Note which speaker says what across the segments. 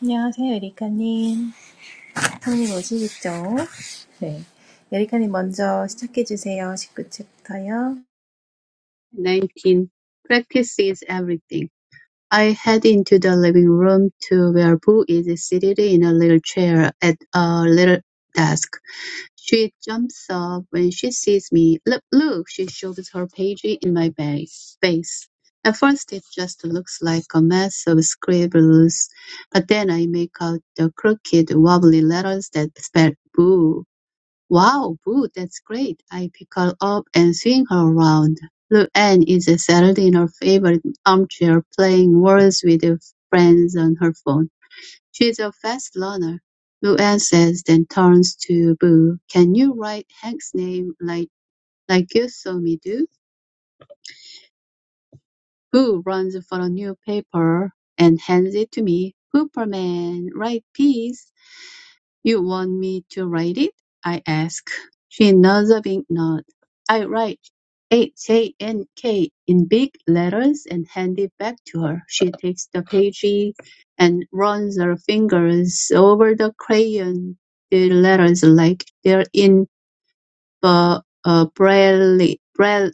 Speaker 1: 안녕하세요, 에리카님. 성님 오시겠죠? 네. 에리카님 먼저 시작해주세요. 19챕터요.
Speaker 2: Nineteen practice is everything. I head into the living room to where Boo is seated in a little chair at a little desk. She jumps up when she sees me. Look, look, she shoves her page in my ba- face. At first, it just looks like a mess of scribbles, but then I make out the crooked, wobbly letters that spell Boo. Wow, Boo, that's great. I pick her up and swing her around. Luann is settled in her favorite armchair playing words with her friends on her phone. She's a fast learner. Luann says, then turns to Boo. Can you write Hank's name like, like you saw me do? Boo runs for a new paper and hands it to me. Superman, write peace. You want me to write it? I ask. She nods a big nod. I write H-A-N-K in big letters and hand it back to her. She takes the page and runs her fingers over the crayon the letters like they're in uh, uh, Braille, Braille,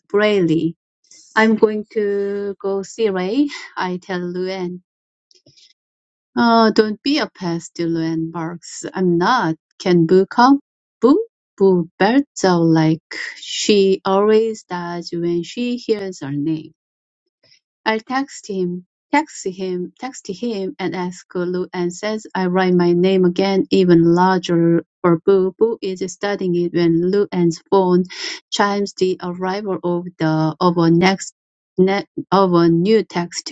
Speaker 2: I'm going to go see Ray, I tell Luann. Oh, don't be a pest, Dylan barks. I'm not. Can Boo come? Boo? Boo belts out like she always does when she hears our name. I text him, text him, text him, and ask Lu and says I write my name again, even larger for Boo. Boo is studying it when Lu An's phone chimes the arrival of the of a next ne, of a new text.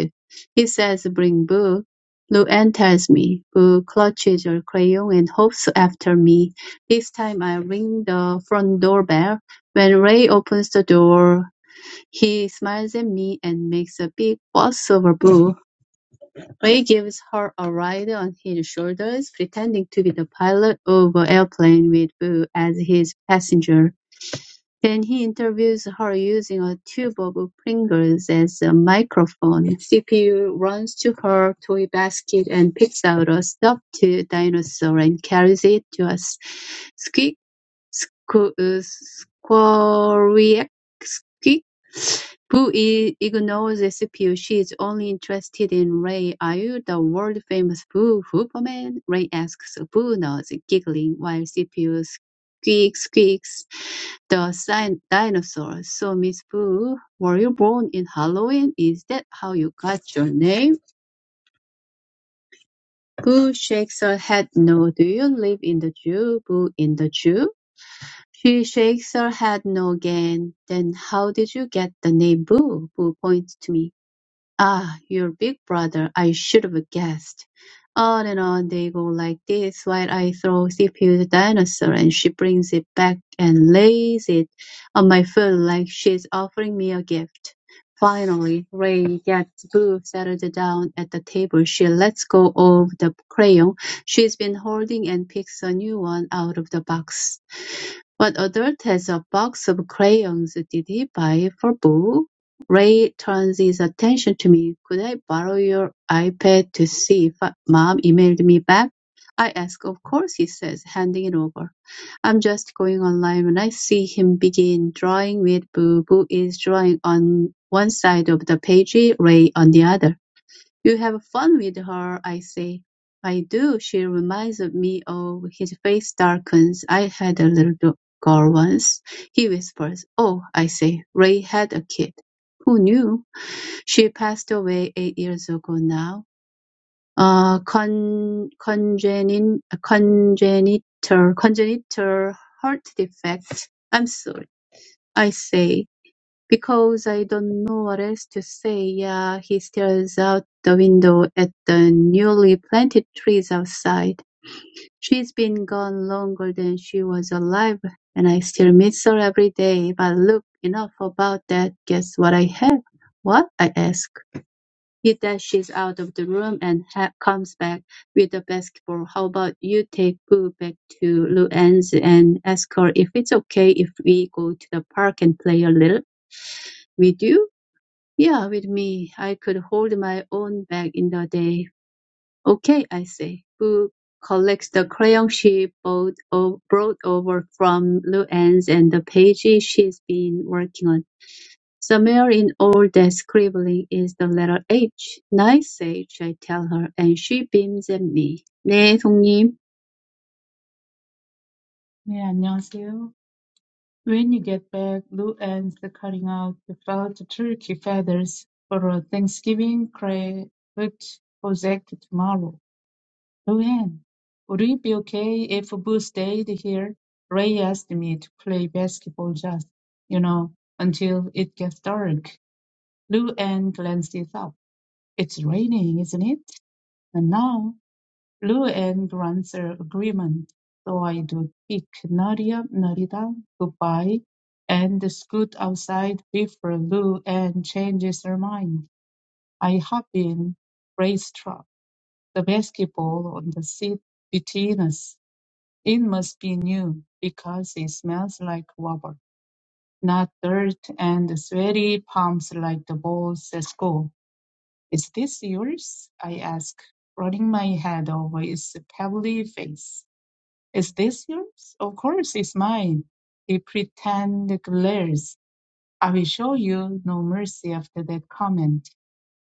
Speaker 2: He says, "Bring Boo." Lu Ann tells me. Boo clutches her crayon and hops after me. This time I ring the front doorbell. When Ray opens the door, he smiles at me and makes a big fuss over Boo. Ray gives her a ride on his shoulders, pretending to be the pilot of an airplane with Boo as his passenger. Then he interviews her using a tube of Pringles as a microphone. CPU runs to her toy basket and picks out a stuffed dinosaur and carries it to us. Squeak Squeaky, who ignores Scipio. She is only interested in Ray. Are you the world-famous Boo Hooperman? Ray asks. Boo nods, giggling, while Scipio squeaks, squeaks the sin- dinosaur. So, Miss Boo, were you born in Halloween? Is that how you got your name? Boo shakes her head no. Do you live in the Jew? Boo in the Jew? She shakes her head no again, Then how did you get the name Boo? Boo points to me. Ah, your big brother, I should have guessed. On and on they go like this, while I throw CPU the dinosaur and she brings it back and lays it on my foot like she's offering me a gift. Finally, Ray gets Boo settled down at the table. She lets go of the crayon she's been holding and picks a new one out of the box. What adult has a box of crayons did he buy for Boo? Ray turns his attention to me. "Could I borrow your iPad to see if Mom emailed me back?" I ask. "Of course," he says, handing it over. I'm just going online when I see him begin drawing with Boo. Boo is drawing on one side of the page, Ray on the other. "You have fun with her," I say. "I do. She reminds me." of his face darkens. "I had a little girl once," he whispers. "Oh," I say. "Ray had a kid." Who knew? She passed away eight years ago now. Uh, con- congenin- congenital, congenital heart defect. I'm sorry. I say because I don't know what else to say. Yeah, he stares out the window at the newly planted trees outside. She's been gone longer than she was alive, and I still miss her every day. But look, enough about that. Guess what I have? What? I ask? He dashes out of the room and ha- comes back with a basketball. How about you take Boo back to Luann's and ask her if it's okay if we go to the park and play a little? With you? Yeah, with me. I could hold my own bag in the day. Okay, I say. Boo collects the crayon she bought o- brought over from Luann's and the page she's been working on. Somewhere in all that scribbling is the letter H. Nice H, I tell her, and she beams at me. 네, 송님.
Speaker 3: 네, 안녕하세요. When you get back, Lou ends the cutting out the felt turkey feathers for a Thanksgiving craft project tomorrow. Luann, would it be okay if Boo stayed here? Ray asked me to play basketball just, you know, until it gets dark. Luann glanced up. It's raining, isn't it? And now Lou-Anne grants agreement, so I do kick Narita Narita goodbye and scoot outside before Lou-Anne changes her mind. I hop in, racetrack, the basketball on the seat between us. It must be new, because it smells like rubber, not dirt and sweaty palms like the balls at school. Is this yours? I ask, running my head over its pebbly face. Is this yours? Of course it's mine. He pretended glares. I will show you no mercy after that comment.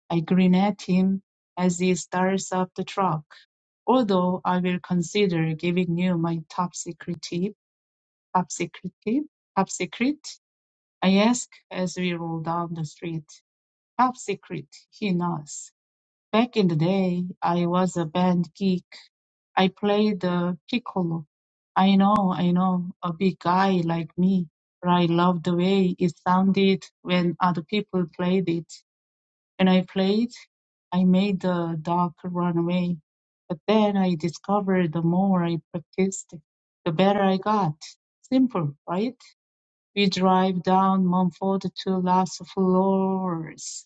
Speaker 3: I grin at him as he starts up the truck. Although I will consider giving you my top secret tip, top secret tip, top secret, I ask as we roll down the street. Top secret, he nods. Back in the day, I was a band geek I play the piccolo. I know, I know, a big guy like me, but I love the way it sounded when other people played it. When I played, I made the dog run away. But then I discovered the more I practiced, the better I got. Simple, right? We drive down Mumford to Las Flores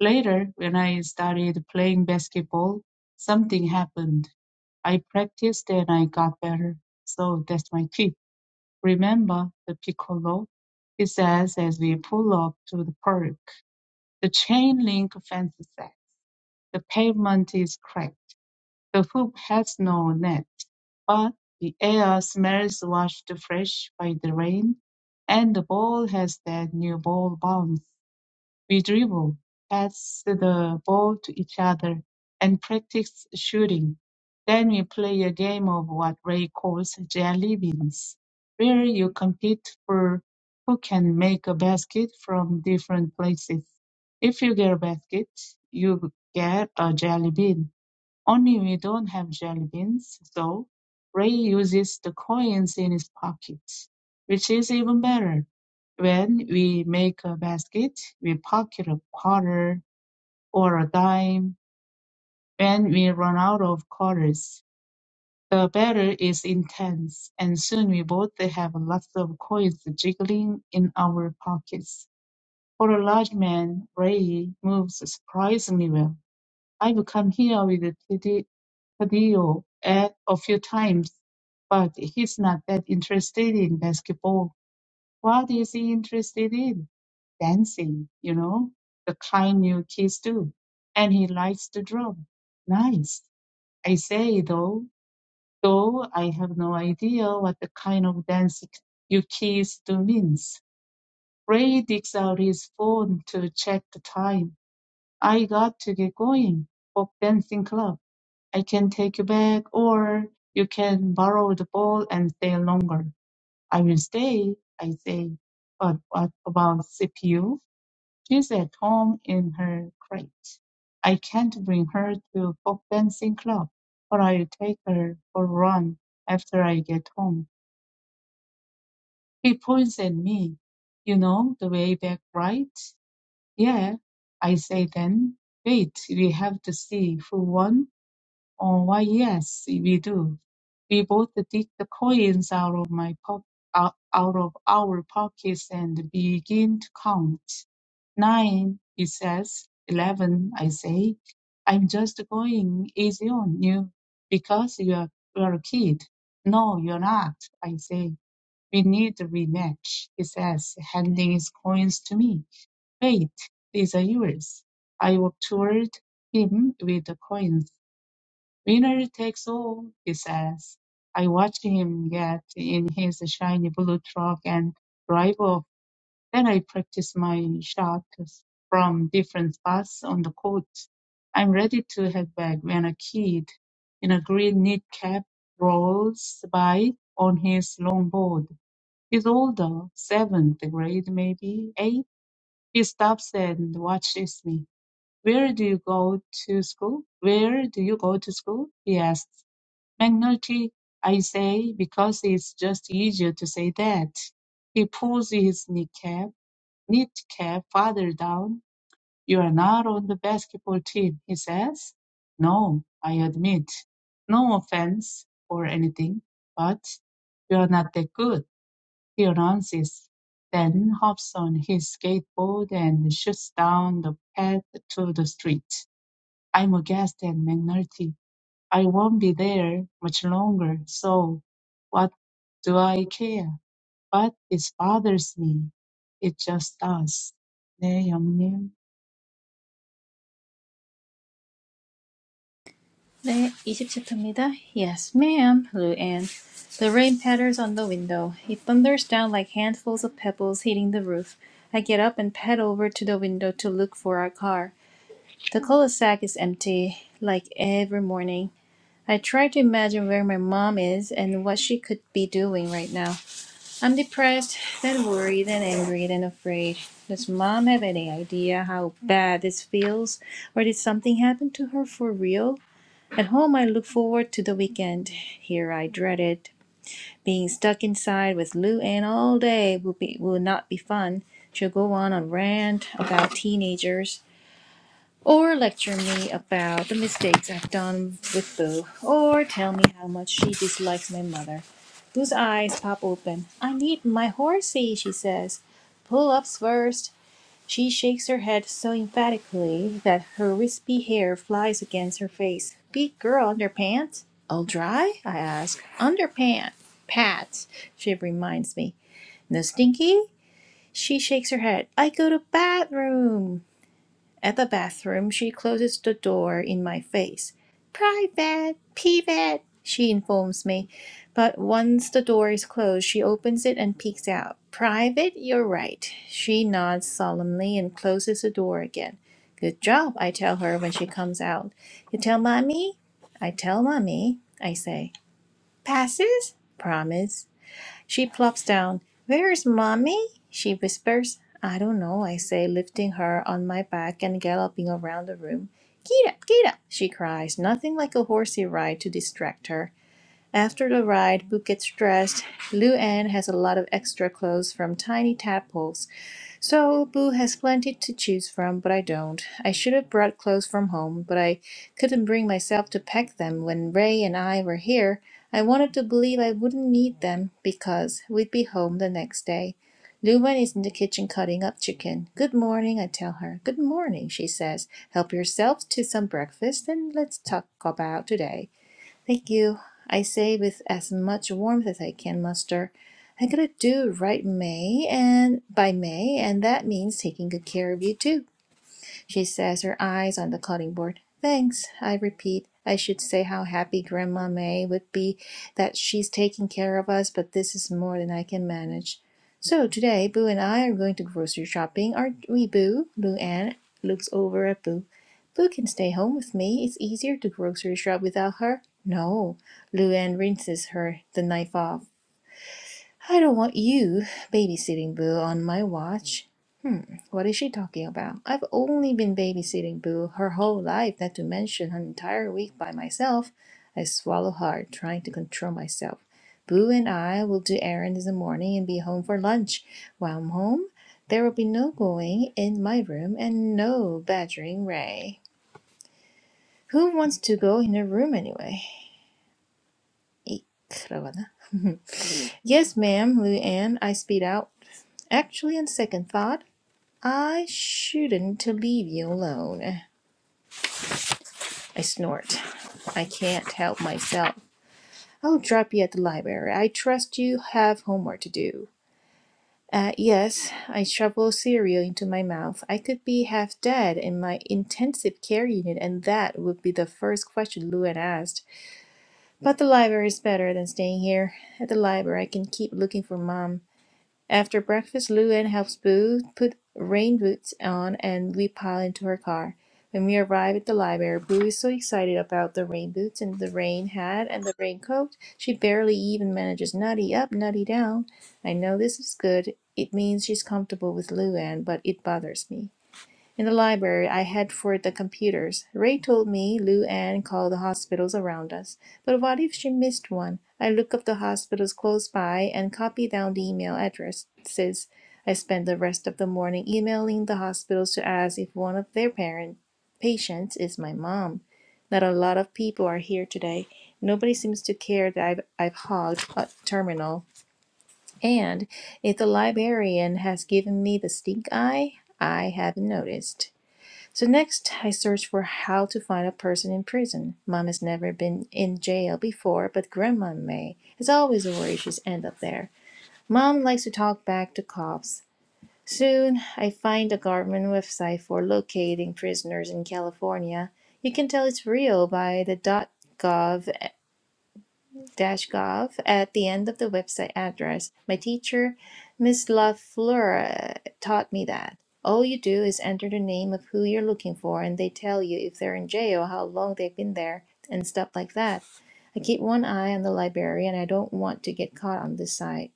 Speaker 3: Later, when I started playing basketball, something happened. I practiced and I got better. So that's my tip. Remember the piccolo? He says as we pull up to the park. The chain link fence says the pavement is cracked. The hoop has no net, but the air smells washed fresh by the rain, and the ball has that new ball bounce we dribble, pass the ball to each other, and practice shooting. Then we play a game of what Ray calls jelly beans, where you compete for who can make a basket from different places. If you get a basket, you get a jelly bean only we don't have jelly beans, so Ray uses the coins in his pockets, which is even better. When we make a basket, we pocket a quarter or a dime. When we run out of quarters, the battle is intense, and soon we both have lots of coins jiggling in our pockets. For a large man, Ray moves surprisingly well I've come here with Tede- Tadeo a, a few times, but he's not that interested in basketball. What is he interested in? Dancing, you know, the kind you kids do. And he likes to draw. Nice. I say though, though I have no idea what the kind of dance you kids do means. Ray digs out his phone to check the time. I got to get going for dancing club. I can take you back or you can borrow the ball and stay longer. I will stay, I say. But what about CPU? She's at home in her crate. I can't bring her to folk dancing club, but I'll take her for a run after I get home. He points at me. You know the way back, right? Yeah, I say then, wait, we have to see who won. or why, yes, we do. We both dig the coins out of my po- out out of our pockets and begin to count. Nine, he says. Eleven, I say. I'm just going easy on you because you're you're a kid. No, you're not, I say. We need a rematch, he says, handing his coins to me. Eight, these are yours. I walk toward him with the coins. Winner takes all, he says. I watch him get in his shiny blue truck and drive off. Then I practice my shots from different spots on the court. I'm ready to head back when a kid in a green knit cap rolls by on his longboard. He's older, seventh grade maybe, eighth he stops and watches me. Where do you go to school? Where do you go to school? He asks. McNulty, I say, because it's just easier to say that. He pulls his kneecap, kneecap farther down. You are not on the basketball team, he says. No, I admit. No offense or anything, but you're not that good. He runs then hops on his skateboard and shoots down the path to the street. I'm aghast at McNulty. I won't be there much longer, so what do I care? But this bothers me. It just does. 네, 영님.
Speaker 1: 네, 20챕터입니다. Yes, ma'am, Lou Anne. The rain patters on the window. It thunders down like handfuls of pebbles hitting the roof. I get up and pad over to the window to look for our car. The cul-de-sac is empty, like every morning. I try to imagine where my mom is and what she could be doing right now. I'm depressed, then worried, then angry, then afraid. Does mom have any idea how bad this feels? Or did something happen to her for real? At home, I look forward to the weekend. Here, I dread it. Being stuck inside with Lou Ann all day will, be, will not be fun. She'll go on a rant about teenagers or lecture me about the mistakes I've done with Boo, or tell me how much she dislikes my mother, whose eyes pop open. I need my horsey, she says. Pull ups first." She shakes her head so emphatically that her wispy hair flies against her face. Big girl underpants? All dry? I ask. Underpants. Pat, she reminds me. No stinky? She shakes her head. I go to bathroom. At the bathroom, she closes the door in my face. Private, pivot, she informs me. But once the door is closed, she opens it and peeks out. Private, you're right. She nods solemnly and closes the door again. Good job, I tell her when she comes out. You tell mommy? I tell mommy, I say. Passes? Promise. She plops down. Where's mommy? She whispers. I don't know, I say, lifting her on my back and galloping around the room. Get up, get up, she cries, nothing like a horsey ride to distract her. After the ride, Book gets dressed. Lou Anne has a lot of extra clothes from tiny tadpoles. So Boo has plenty to choose from, but I don't. I should have brought clothes from home, but I couldn't bring myself to pack them when Ray and I were here. I wanted to believe I wouldn't need them because we'd be home the next day. Lumen is in the kitchen cutting up chicken. Good morning, I tell her. Good morning, she says. Help yourself to some breakfast and let's talk about today. Thank you. I say with as much warmth as I can muster. I'm gonna do right May and by May, and that means taking good care of you too she says, her eyes on the cutting board. Thanks, I repeat. I should say how happy Grandma May would be that she's taking care of us, but this is more than I can manage. So today, Boo and I are going to grocery shopping, aren't we, Boo? Lou Anne looks over at Boo. Boo can stay home with me. It's easier to grocery shop without her. No, Lou Anne rinses her the knife off. I don't want you babysitting Boo on my watch. What is she talking about? I've only been babysitting Boo her whole life, not to mention an entire week by myself. I swallow hard, trying to control myself. Boo and I will do errands in the morning and be home for lunch. While I'm home, there will be no going in my room and no badgering Ray. Who wants to go in her room anyway? 이 크러거나. yes, ma'am, Lou Anne, I speed out. Actually, on second thought, I shouldn't leave you alone. I snort. I can't help myself. I'll drop you at the library. I trust you have homework to do. Uh, yes, I shoveled cereal into my mouth. I could be half dead in my intensive care unit, and that would be the first question Lou had asked. But the library is better than staying here. At the library, I can keep looking for Mom. After breakfast, Luann helps Boo put rain boots on and we pile into her car. When we arrive at the library, Boo is so excited about the rain boots and the rain hat and the raincoat, she barely even manages nutty up, nutty down. I know this is good. It means she's comfortable with Luann, but it bothers me. In the library, I head for the computers. Ray told me Lou Anne called the hospitals around us. But what if she missed one? I look up the hospitals close by and copy down the email addresses. I spend the rest of the morning emailing the hospitals to ask if one of their parent patients is my mom. Not a lot of people are here today. Nobody seems to care that I've, I've hogged a terminal. And if the librarian has given me the stink eye, I haven't noticed. So next, I search for how to find a person in prison. Mom has never been in jail before, but Grandma may. It's always a worry she's end up there. Mom likes to talk back to cops. Soon, I find a government website for locating prisoners in California. You can tell it's real by the .gov edu-gov at the end of the website address. My teacher, Miss LaFleur, taught me that. All you do is enter the name of who you're looking for, and they tell you if they're in jail, how long they've been there, and stuff like that. I keep one eye on the library, and I don't want to get caught on this side.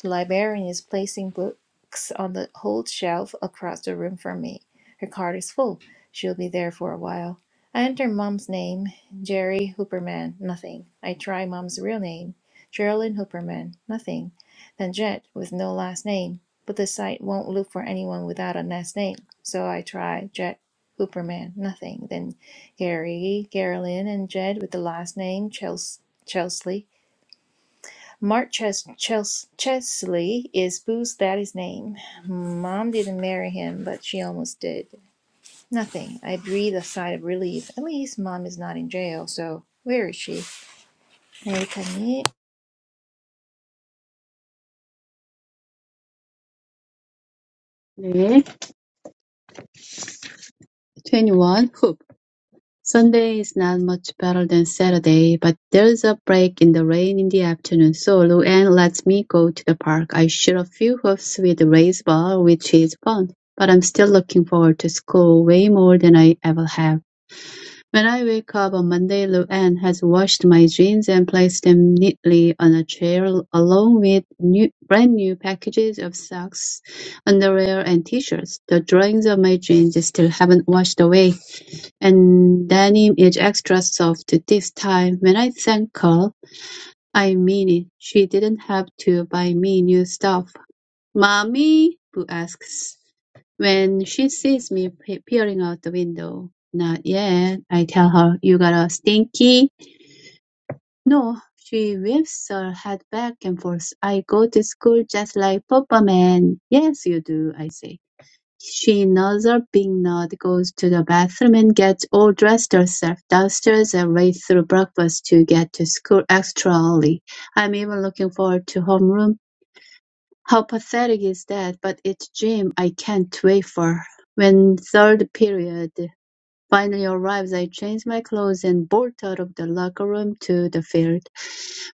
Speaker 1: The librarian is placing books on the old shelf across the room from me. Her card is full. She'll be there for a while. I enter Mom's name, Jerry Hooperman, nothing. I try Mom's real name, Geraldine Hooperman, nothing. Then Jet, with no last name. But the site won't look for anyone without a last name. So I try Jet Hooperman, nothing. Then Gary, Geraldine, and Jed with the last name, Chels- Chelsea. Mark Ches- Ches- Chesley is Boo's daddy's name. Mom didn't marry him, but she almost did. Nothing. I breathe a sigh of relief. At least mom is not in jail, so where is she? 에리카님,
Speaker 2: 네. 21. Hoop. Sunday is not much better than Saturday, but there's a break in the rain in the afternoon, so Luann lets me go to the park. I shoot a few hoops with the raised ball, which is fun, but I'm still looking forward to school way more than I ever have. When I wake up on Monday, Lou-Anne has washed my jeans and placed them neatly on a chair along with new, brand new packages of socks, underwear, and t-shirts. The drawings of my jeans still haven't washed away, and denim is extra soft this time. When I thank her, I mean it. She didn't have to buy me new stuff. Mommy? Boo asks when she sees me pe- peering out the window. Not yet, I tell her. You got a stinky? No. She whips her head back and forth. I go to school just like Papa Man. Yes, you do, I say. She nods her big nod, goes to the bathroom and gets all dressed herself downstairs and right through breakfast to get to school extra early. I'm even looking forward to homeroom how pathetic is that? But it's Jim. I can't wait for. When third period Finally arrived, I changed my clothes and bolted out of the locker room to the field,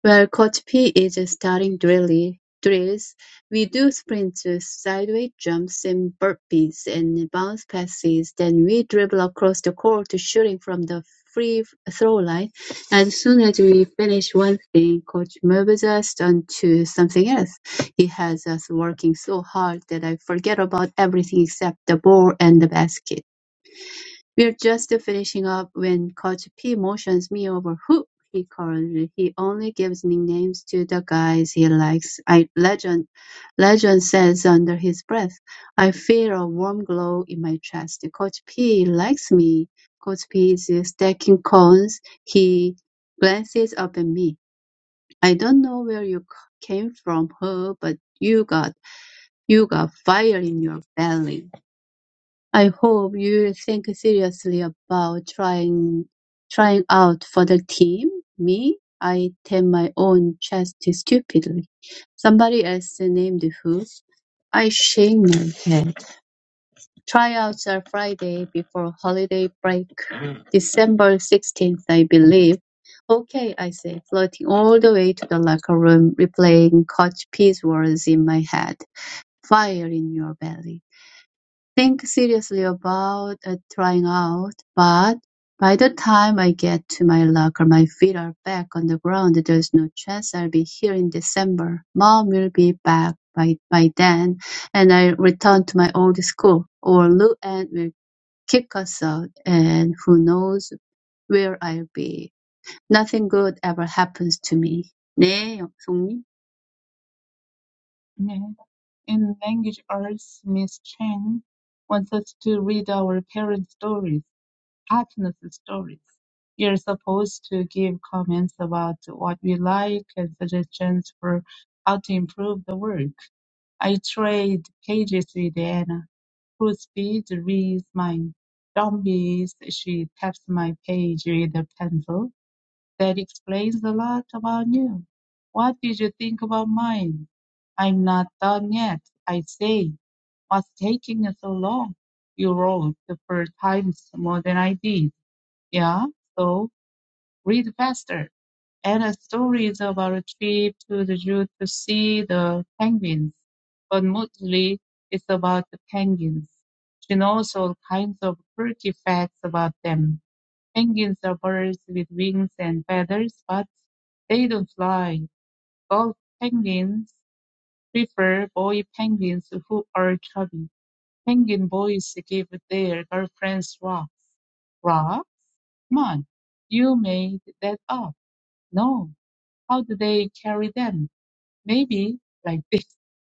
Speaker 2: where Coach P is starting drilly, drills. We do sprints, sideways jumps, and burpees, and bounce passes. Then we dribble across the court, shooting from the free throw line. As soon as we finish one thing, Coach moves us on to something else. He has us working so hard that I forget about everything except the ball and the basket. We're just finishing up when Coach P motions me over who he calls. He only gives nicknames to the guys he likes. I legend legend says under his breath. I feel a warm glow in my chest. Coach P likes me. Coach P is stacking cones. He glances up at me. I don't know where you c- came from, her, but you got you got fire in your belly. I hope you think seriously about trying trying out for the team. Me, I tap my own chest stupidly. Somebody else named who? I shake my head. Tryouts are Friday before holiday break, December 16th, I believe. Okay, I say, floating all the way to the locker room, replaying Coach P's words in my head. Fire in your belly think seriously about uh, trying out, but by the time I get to my locker, my feet are back on the ground. There's no chance I'll be here in December. Mom will be back by, by then, and I return to my old school, or Lou Ann will kick us out, and who knows where I'll be. Nothing good ever happens to me. 네, 영숙님.
Speaker 3: 네. In Language Arts, Miss Chang wants us to read our parents' stories. Happiness stories. You're supposed to give comments about what we like and suggestions for how to improve the work. I trade pages with Anna, whose speed reads mine. Don't be she taps my page with a pencil. That explains a lot about you. What did you think about mine? I'm not done yet, I say. What's taking you so long? You wrote the first times more than I did. Yeah, so read faster. And a story is about a trip to the zoo to see the penguins, but mostly it's about the penguins. She knows all kinds of quirky facts about them. Penguins are birds with wings and feathers, but they don't fly. Golf penguins prefer boy penguins who are chubby. Penguin boys give their girlfriends rocks. Rocks? Come on, you made that up. No, how do they carry them? Maybe like this.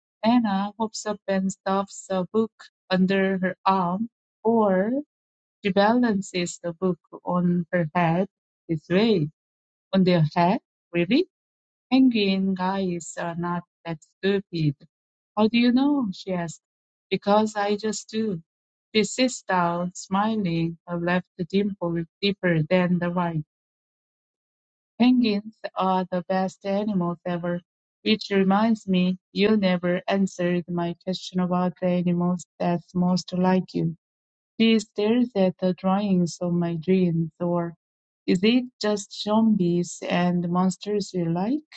Speaker 3: Anna hops up and stuffs a book under her arm, or she balances the book on her head this way. On their head? Really? Penguin guys are not that stupid. How do you know? she asks. Because I just do. She sits down, smiling, her left dimple deeper than the right. Penguins are the best animals ever. Which reminds me, you never answered my question about the animals that's most like you. Do you stare at the drawings of my dreams, or is it just zombies and monsters you like?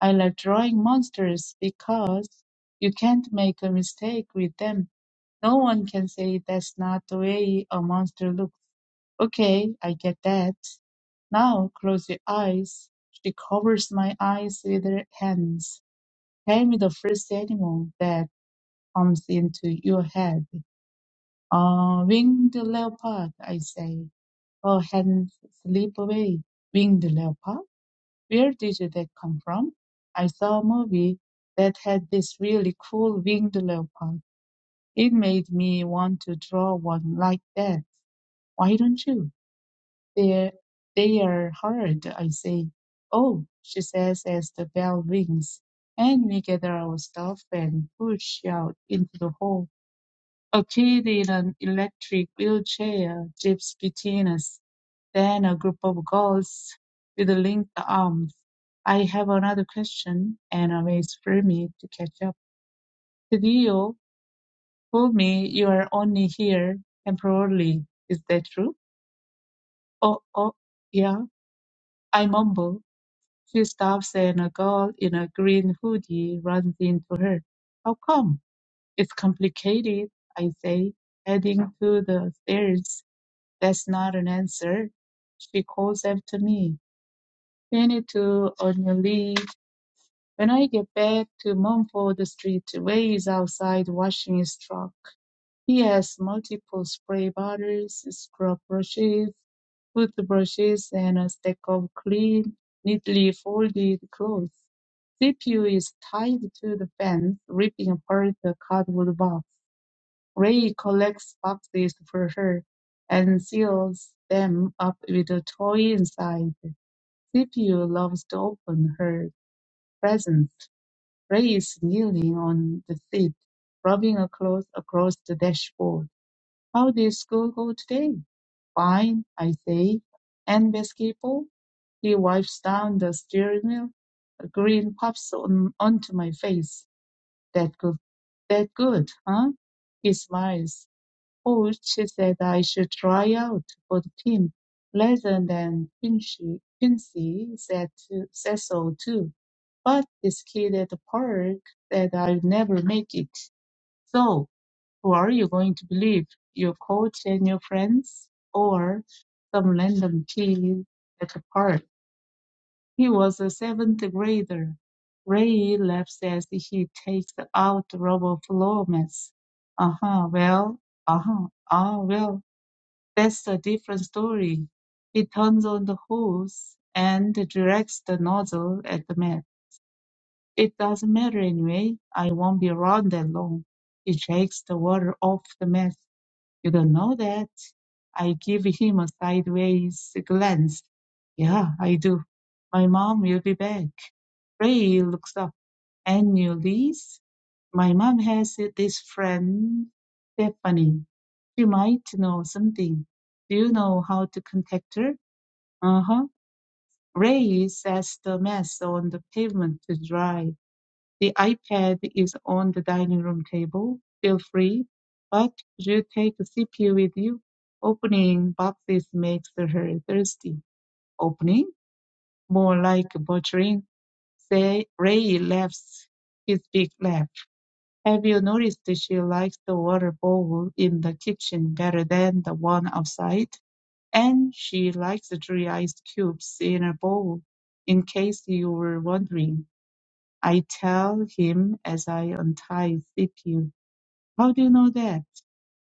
Speaker 3: I like drawing monsters because you can't make a mistake with them. No one can say that's not the way a monster looks. Okay, I get that. Now close your eyes. She covers my eyes with her hands. Tell me the first animal that comes into your head. Uh, winged leopard, I say. Her hands slip away. Winged leopard? Where did that come from? I saw a movie that had this really cool winged leopard. It made me want to draw one like that. Why don't you? They're, they are hard, I say. Oh, she says as the bell rings, and we gather our stuff and push out into the hall. A kid in an electric wheelchair jibs between us, then a group of girls with linked arms. I have another question, and Anna waits for me to catch up. Tadio told me you are only here temporarily. Is that true? Oh, oh, yeah, I mumble. She stops and a girl in a green hoodie runs into her. How come? It's complicated, I say, heading to the stairs. That's not an answer. She calls after me. We need to Anjali when I get back to Mumford Street, Ray is outside washing his truck. He has multiple spray bottles, scrub brushes, toothbrushes, and a stack of clean, neatly folded clothes. CPU is tied to the fence, ripping apart the cardboard box. Ray collects boxes for her and seals them up with a toy inside. CPU loves to open her presents. Ray is kneeling on the seat, rubbing a cloth across the dashboard. How did school go today? Fine, I say. And basketball? He wipes down the steering wheel. A grin pops on, onto my face. That good. That good, huh? He smiles which she said I should try out for the team. Pleasant and Quincy, Quincy said to, said so too. But this kid at the park said i would never make it. So, who are you going to believe? Your coach and your friends? Or some random kid at the park? He was a seventh grader. Ray laughs as he takes out rubber floor mats. Uh-huh, well, uh-huh, ah, well that's a different story. It turns on the hose and directs the nozzle at the man. It doesn't matter anyway. I won't be around that long. It shakes the water off the mess. You don't know that. I give him a sideways glance. Yeah, I do. My mom will be back. Ray looks up and knew this, my mom has this friend, Stephanie. She might know something. Do you know how to contact her? Uh huh. Ray sets the mess on the pavement to dry. The iPad is on the dining room table. Feel free. But could you take a CPU with you? Opening boxes makes her thirsty. Opening? More like butchering. Say, Ray laughs his big laugh. Have you noticed she likes the water bowl in the kitchen better than the one outside? And she likes three ice cubes in a bowl, in case you were wondering. I tell him as I untie CPU. How do you know that?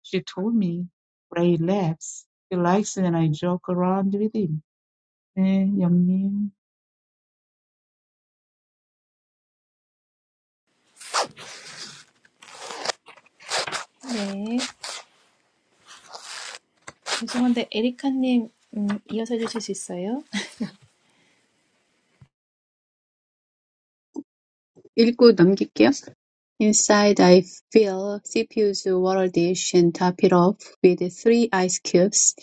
Speaker 3: She told me. Ray laughs. He likes when I joke around with him. 네, 영님.
Speaker 1: 네. 죄송한데 에리카님 음, 이어서 해주실 수 있어요?
Speaker 2: 읽고 넘길게요. Inside I fill Scipio's water-dish and top it off with three ice cubes.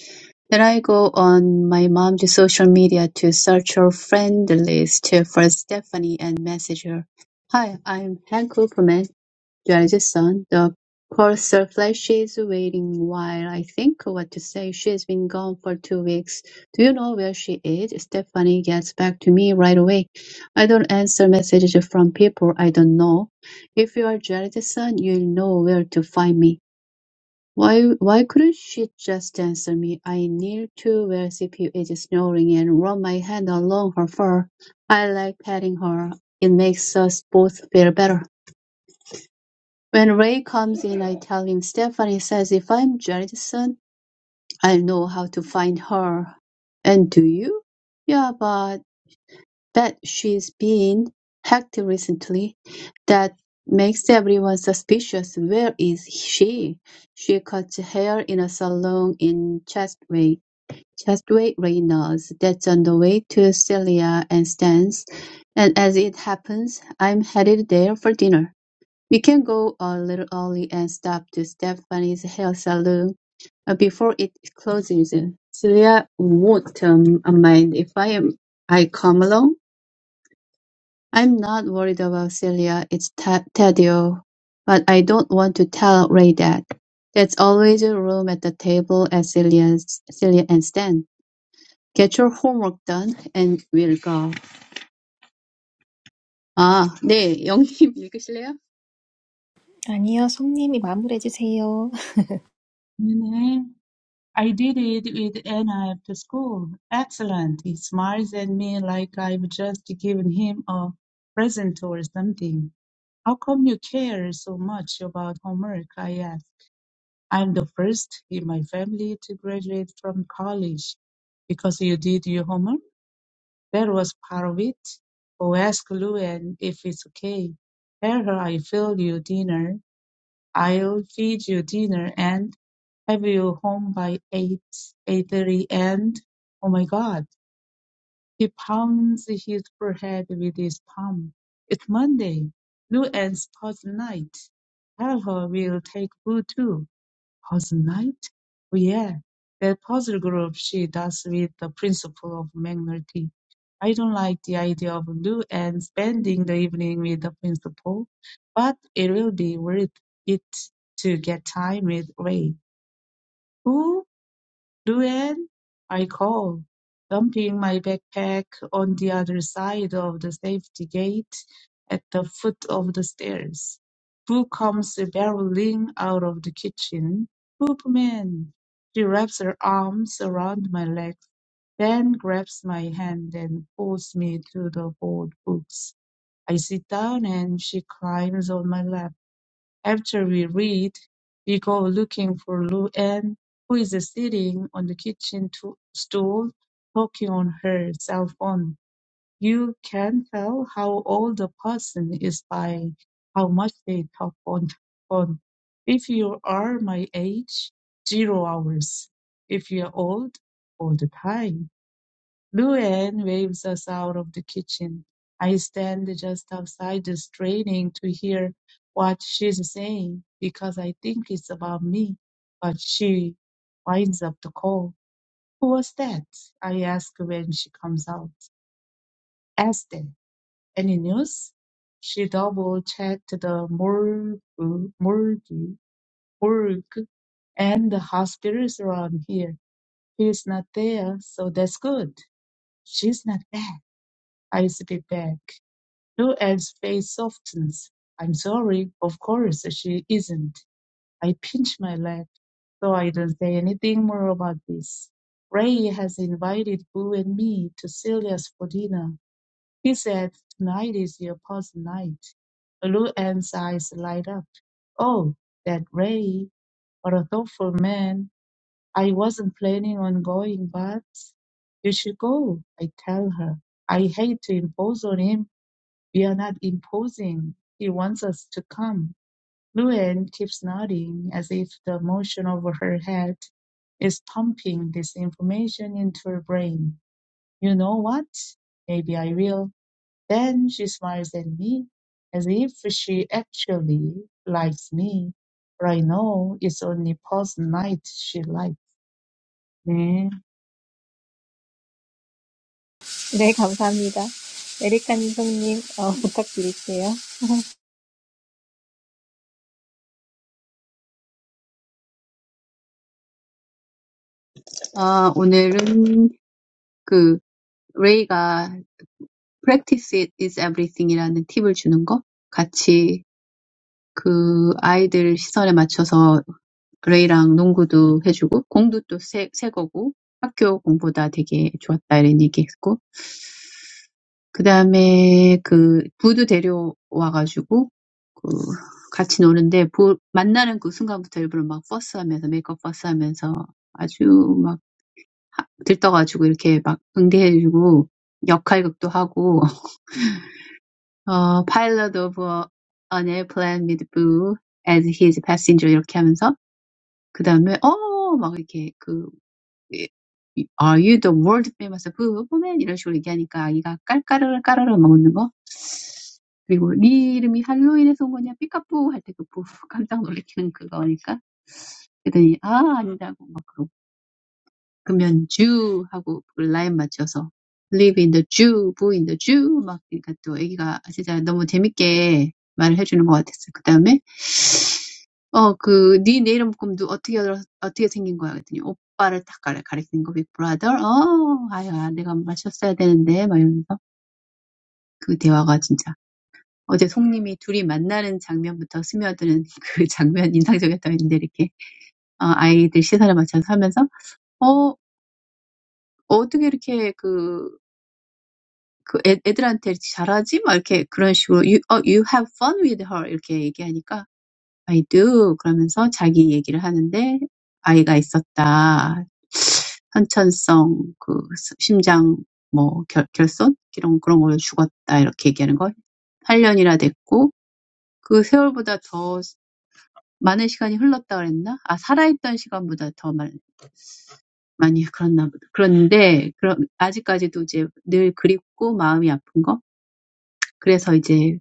Speaker 2: Then I go on my mom's social media to search her friend list for Stephanie and message her. Hi, I'm Hank Cooperman. Jason, the purser, flashes waiting while I think what to say. She's been gone for two weeks. Do you know where she is? Stephanie gets back to me right away. I don't answer messages from people I don't know. If you are Jason, you'll know where to find me. Why, why couldn't she just answer me? I kneel to where CPU is snoring and run my hand along her fur. I like petting her. It makes us both feel better. When Ray comes in, I tell him Stephanie says if I'm Judson, I'll know how to find her. And do you? Yeah, but that she's been hacked recently. That makes everyone suspicious. Where is she? She cuts hair in a salon in Chestway. Chestway Reynolds, that's on the way to Celia and Stan's, and as it happens, I'm headed there for dinner. We can go a little early and stop to Stephanie's hair salon uh, before it closes. Celia won't um, mind if I am I come along. I'm not worried about Celia. It's ta- Tadio, but I don't want to tell Ray that. There's always a room at the table at Celia's, Celia and Stan. Get your homework done and we'll go. 아, 네, 영님 읽으실래요?
Speaker 1: 아니요, 송님이 마무리해 주세요.
Speaker 3: 네네. I did it with Anna after school. Excellent. He smiles at me like I've just given him a present or something. How come you care so much about homework? I ask. I'm the first in my family to graduate from college because you did your homework. That was part of it. Oh, ask Luan if it's okay. Tell her I filled your dinner I'll feed you dinner and have you home by eight eight thirty and oh my god he pounds his forehead with his palm it's monday lou and sports night tell her we'll take food too Housenite? Oh yeah, that puzzle group she does with the principle of magnetic. I don't like the idea of Lou and spending the evening with the principal, but it will be worth it to get time with Ray, who "Luann," I call, dumping my backpack on the other side of the safety gate at the foot of the stairs. Who comes barreling out of the kitchen? Hoopman. She wraps her arms around my legs, then grabs my hand and pulls me to the old books. I sit down and she climbs on my lap. After we read, we go looking for Lu Anne, who is sitting on the kitchen to- stool, talking on her cell phone. You can tell how old a person is by how much they talk on the phone. If you are my age, zero hours. If you're old, all the time. Luann waves us out of the kitchen. I stand just outside, straining to hear what she's saying because I think it's about me. But she winds up the call. Who was that? I ask when she comes out. Esther, any news? She double checked the morgue, morgue, morgue, and the hospitals around here. He's not there, so that's good. She's not bad. I slip back. Luelle's face softens. I'm sorry. Of course she isn't. I pinch my lip, so I don't say anything more about this. Ray has invited Boo and me to Celia's for dinner. He said tonight is your party night. Luelle's eyes light up. Oh, that Ray, what a thoughtful man. I wasn't planning on going, but you should go, I tell her. I hate to impose on him we are not imposing. He wants us to come. Luann keeps nodding as if the motion over her head is pumping this information into her brain. You know what? Maybe I will. Then she smiles at me as if she actually likes me. But I know it's only past night she likes. 네,
Speaker 1: 네, 감사합니다. 에리카님, 송님 어, 부탁드릴게요.
Speaker 2: 아, 오늘은 그 레이가 practice it is everything이라는 팁을 주는 거 같이 그 아이들 시선에 맞춰서 레이랑 농구도 해주고 공도 또새새 거고 학교 공보다 되게 좋았다 이런 얘기했고 그 다음에 그 부도 데려와가지고 그 같이 노는데 부, 만나는 그 순간부터 일부러 막 버스하면서 메이크업 버스하면서 아주 막 들떠가지고 이렇게 막 응대해주고 역할극도 하고 어, pilot of a- n airplane with Boo as his passenger 이렇게 하면서 그 다음에 어! 막 이렇게 그 Are you the world famous Boo woman? 이런 식으로 얘기하니까 아이가 깔깔을 깔아를 먹는 거 그리고 네 이름이 할로윈에서 온 거냐 삐까뿌 할때그 뿌 깜짝 놀래키는 그거니까 그랬더니 아 아니다고 막 그러고 그러면 Jew하고 라인 맞춰서 live in the Jew, boy in the Jew 막 그러니까 또 애기가 진짜 너무 재밌게 말을 해주는 것 같았어요. 그다음에 어, 그, 네, 내 이름 꿈도 어떻게, 어떻게 생긴 거야? 그랬더니, 오빠를 딱 가리, 가리키는 거, big brother 어, 아야, 내가 마셨어야 되는데. 막 이러면서. 그 대화가 진짜. 어제 송님이 둘이 만나는 장면부터 스며드는 그 장면 인상적이었다고 했는데, 이렇게, 어, 아이들 시선을 맞춰서 하면서, 어, 어떻게 이렇게 그, 그 애, 애들한테 잘하지? 막 이렇게 그런 식으로 you, oh, you have fun with her 이렇게 얘기하니까 I do 그러면서 자기 얘기를 하는데 아이가 있었다. 선천성 그 심장 뭐 결, 결손 이런 그런 걸로 죽었다 이렇게 얘기하는 걸 8년이나 됐고 그 세월보다 더 많은 시간이 흘렀다 그랬나? 아 살아있던 시간보다 더 많, 많이 그랬나 보다. 그런데 그럼 아직까지도 이제 늘 그립고 마음이 아픈 거 그래서 이제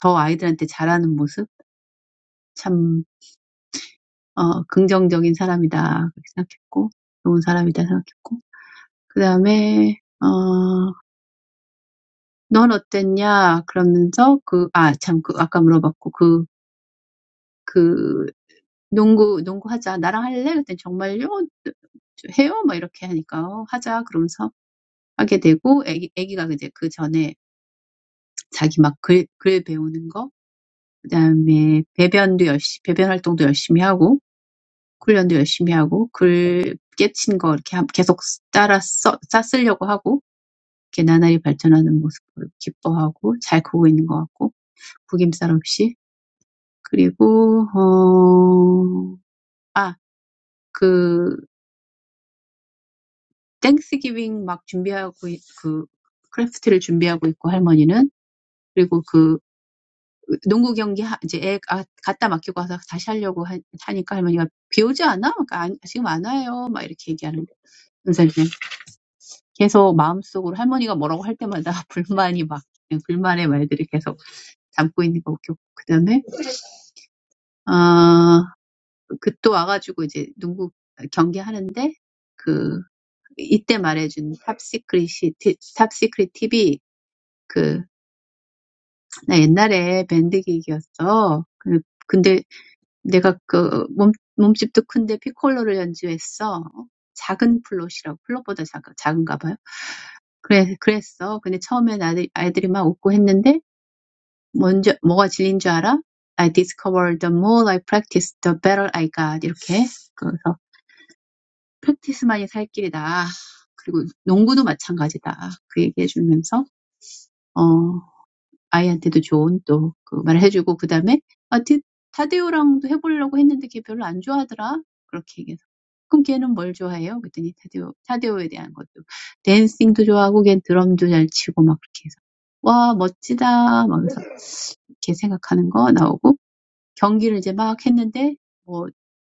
Speaker 2: 더 아이들한테 잘하는 모습, 참, 어, 긍정적인 사람이다. 그렇게 생각했고, 좋은 사람이다 생각했고. 그 다음에, 어, 넌 어땠냐? 그러면서 그, 아, 참, 그, 아까 물어봤고, 그, 그, 농구, 농구 하자. 나랑 할래? 그랬더니 정말요? 해요? 막 이렇게 하니까, 어, 하자. 그러면서 하게 되고, 애기, 애기가 이제 그 전에 자기 막 글, 글 배우는 거, 그 다음에 배변도 열심히, 배변 활동도 열심히 하고, 훈련도 열심히 하고 글 깨친 거 이렇게 함- 계속 따라 써, 싸 쓰려고 하고 이렇게 나날이 발전하는 모습 을 기뻐하고 잘 크고 있는 것 같고 구김살 없이 그리고 어, 아, 그 땡스기빙 막 준비하고 있- 그 크래프트를 준비하고 있고 할머니는 그리고 그 농구 경기 하, 이제 애 아, 갖다 맡기고 와서 다시 하려고 하, 하니까 할머니가 비 오지 않아? 그러니까 안, 지금 안 와요. 막 이렇게 얘기하는 거예요. 계속 마음속으로 할머니가 뭐라고 할 때마다 불만이 막 불만의 말들이 계속 담고 있는 거 웃겼고 그다음에 아, 그또 와가지고 이제 농구 경기하는데 그 이때 말해준 탑시크릿이 티- 탑시크릿 팁이 그나 옛날에 밴드 기기였어. 그- 근데 내가 그 몸, 몸집도 큰데 피콜로를 연주했어. 작은 플롯이라고 플롯보다 작, 작은가 봐요. 그래, 그랬어. 근데 처음엔 아들, 아이들이 막 웃고 했는데 먼저 뭐가 진리인 줄 알아? I discovered the more I practice, the better I got. 이렇게. 그래서 practice만이 살 길이다. 그리고 농구도 마찬가지다. 그 얘기해 주면서 어, 아이한테도 좋은 또그 말을 해주고 그 다음에 아, 타데오랑도 해보려고 했는데 걔 별로 안 좋아하더라. 그렇게 얘기해서 그럼 걔는 뭘 좋아해요? 그랬더니 타데오, 타데오에 대한 것도 댄싱도 좋아하고 걔 드럼도 잘 치고 막 그렇게 해서 와 멋지다 막 그래서 이렇게 생각하는 거 나오고 경기를 이제 막 했는데 뭐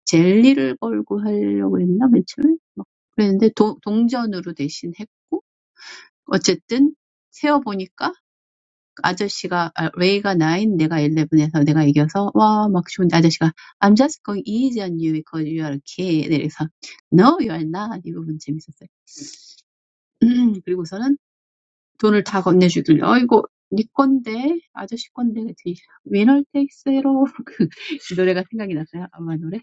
Speaker 2: 젤리를 걸고 하려고 했나 매출? 막 그랬는데 도, 동전으로 대신 했고 어쨌든 세어보니까 아저씨가 아, 레이가 9 내가 11에서 내가 이겨서 와 막 좋은데 아저씨가 I'm just going easy on you because you are a kid 이래서 No you are not 이 부분 재밌었어요 그리고서는 돈을 다 건네주길래 어이구 네 건데 아저씨 건데 그치 Winner takes it all 그 노래가 생각이 났어요 아마 노래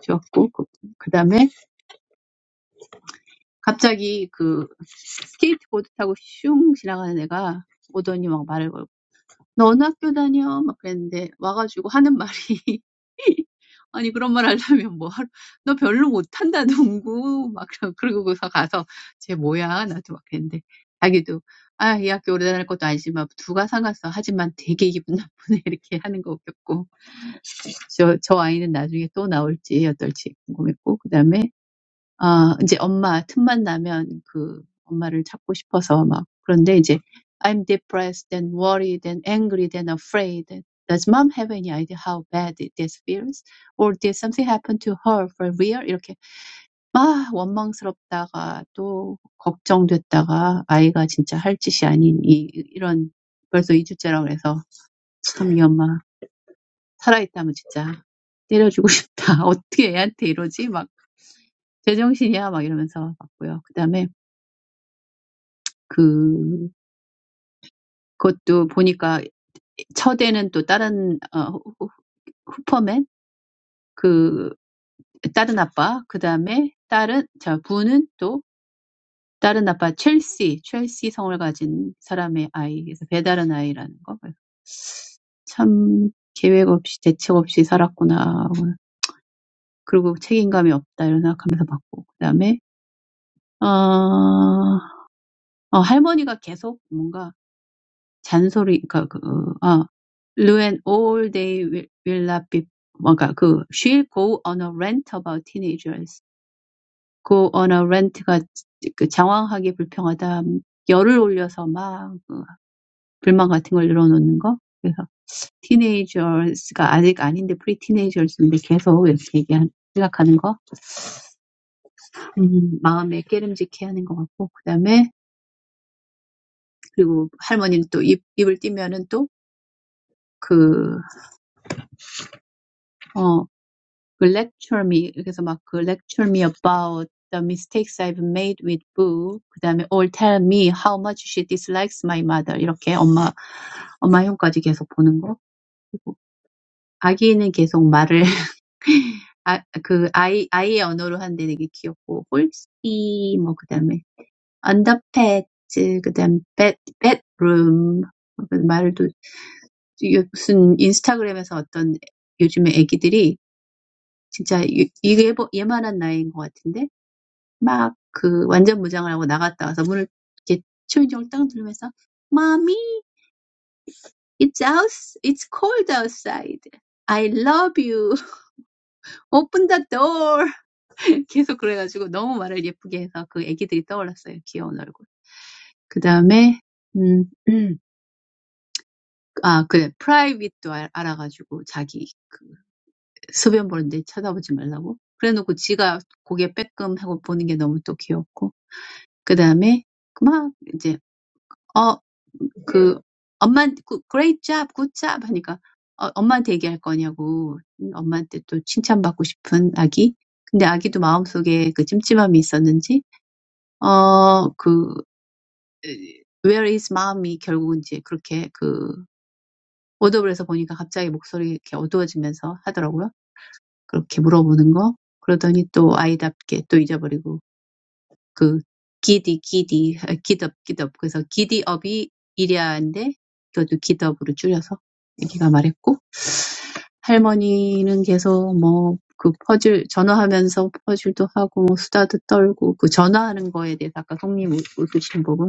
Speaker 2: 지웠고 그, 그다음에 갑자기 그 스케이트보드 타고 슝 지나가는 애가 오더니 막 말을 걸고 너 어느 학교 다녀? 막 그랬는데 와가지고 하는 말이 아니 그런 말 하려면 뭐 하루 너 별로 못한다 농구 막 그러- 그러고서 가서 쟤 뭐야 나도 막 그랬는데 자기도 아 이 학교 오래 다닐 것도 아니지만 누가 상관없어 하지만 되게 기분 나쁘네 이렇게 하는 거 웃겼고 저, 저 아이는 나중에 또 나올지 어떨지 궁금했고 그다음에 아이제 엄마 틈만 나면 그 엄마를 찾고 싶어서 막 그런데 이제 I'm depressed and worried and angry and afraid. Does mom have any idea how bad this feels? Or did something happen to her for real? 이렇게 막 원망스럽다가 또 걱정됐다가 아이가 진짜 할 짓이 아닌 이 이런 벌써 2 주째라 그래서 참 이 엄마 살아있다면 진짜 때려주고 싶다. 어떻게 애한테 이러지? 막 제정신이야 막 이러면서 봤고요. 그다음에 그 그것도 보니까 첫에는 또 다른 어 후- 후- 후퍼맨 그 다른 아빠 그다음에 다른 자 부는 또 다른 아빠 첼시 첼시 성을 가진 사람의 아이 그래서 배다른 아이라는 거. 참 계획 없이 대책 없이 살았구나. 그리고 책임감이 없다 이런 생각하면서 봤고 그다음에 어, 어 할머니가 계속 뭔가 잔소리 그러니까 그, 어, Lou and all day will, will not be 뭔가 그 she'll go on a rant about teenagers. go on a rant가 그 장황하게 불평하다 열을 올려서 막그 불만 같은 걸 늘어놓는 거. 그래서 teenagers가 아직 아닌데 pre teenagers인데 계속 이렇게 얘기한 생각하는 거. 음, 마음에 깨름직해 하는 것 같고 그다음에 그리고 할머니는 또 입, 입을 띄면은 또그 그 lecture me 이렇게 해서막 그 lecture me about the mistakes I've made with Boo 그다음에 or tell me how much she dislikes my mother 이렇게 엄마 엄마 형까지 계속 보는 거 그리고 아기는 계속 말을 아, 그 아이 아이의 언어로 하는데 되게 귀엽고 홀씨 뭐 그다음에 u n d e r p t 그다음 bed bedroom 그 말도 이 무슨 인스타그램에서 어떤 요즘에 애기들이 진짜 이- 이게 얘- 얘만한 나이인 것 같은데 막 그 완전 무장을 하고 나갔다 와서 문을 이렇게 초인종을 딱 누르면서 Mommy, it's out, it's cold outside. I love you. Open the door. 계속 그래가지고 너무 말을 예쁘게 해서 그 애기들이 떠올랐어요. 귀여운 얼굴. 그 다음에 음, 음, 아 그래 프라이빗도 알, 아가지고 자기 그 소변 보는데 쳐다보지 말라고. 그래놓고 지가 고개 빼끔 하고 보는 게 너무 또 귀엽고. 그 다음에 막 이제 어, 그, 엄마한테, 그, great job, good job 하니까, 어, 엄마한테 얘기할 거냐고, 음, 엄마한테 또 칭찬받고 싶은 아기. 근데 아기도 마음속에 그 찜찜함이 있었는지, 어, 그, where is mommy? 결국은 이제 그렇게 그, 오더블에서 보니까 갑자기 목소리 이렇게 어두워지면서 하더라고요. 그렇게 물어보는 거. 그러더니 또 아이답게 또 잊어버리고, 그 기디 기디 아, 기덥 기덥 그래서 기디 업이이인데 이것도 기덥으로 줄여서 얘기가 말했고 할머니는 계속 뭐그 퍼즐 전화하면서 퍼즐도 하고 뭐 수다도 떨고 그 전화하는 거에 대해서 아까 송님 웃으신 부분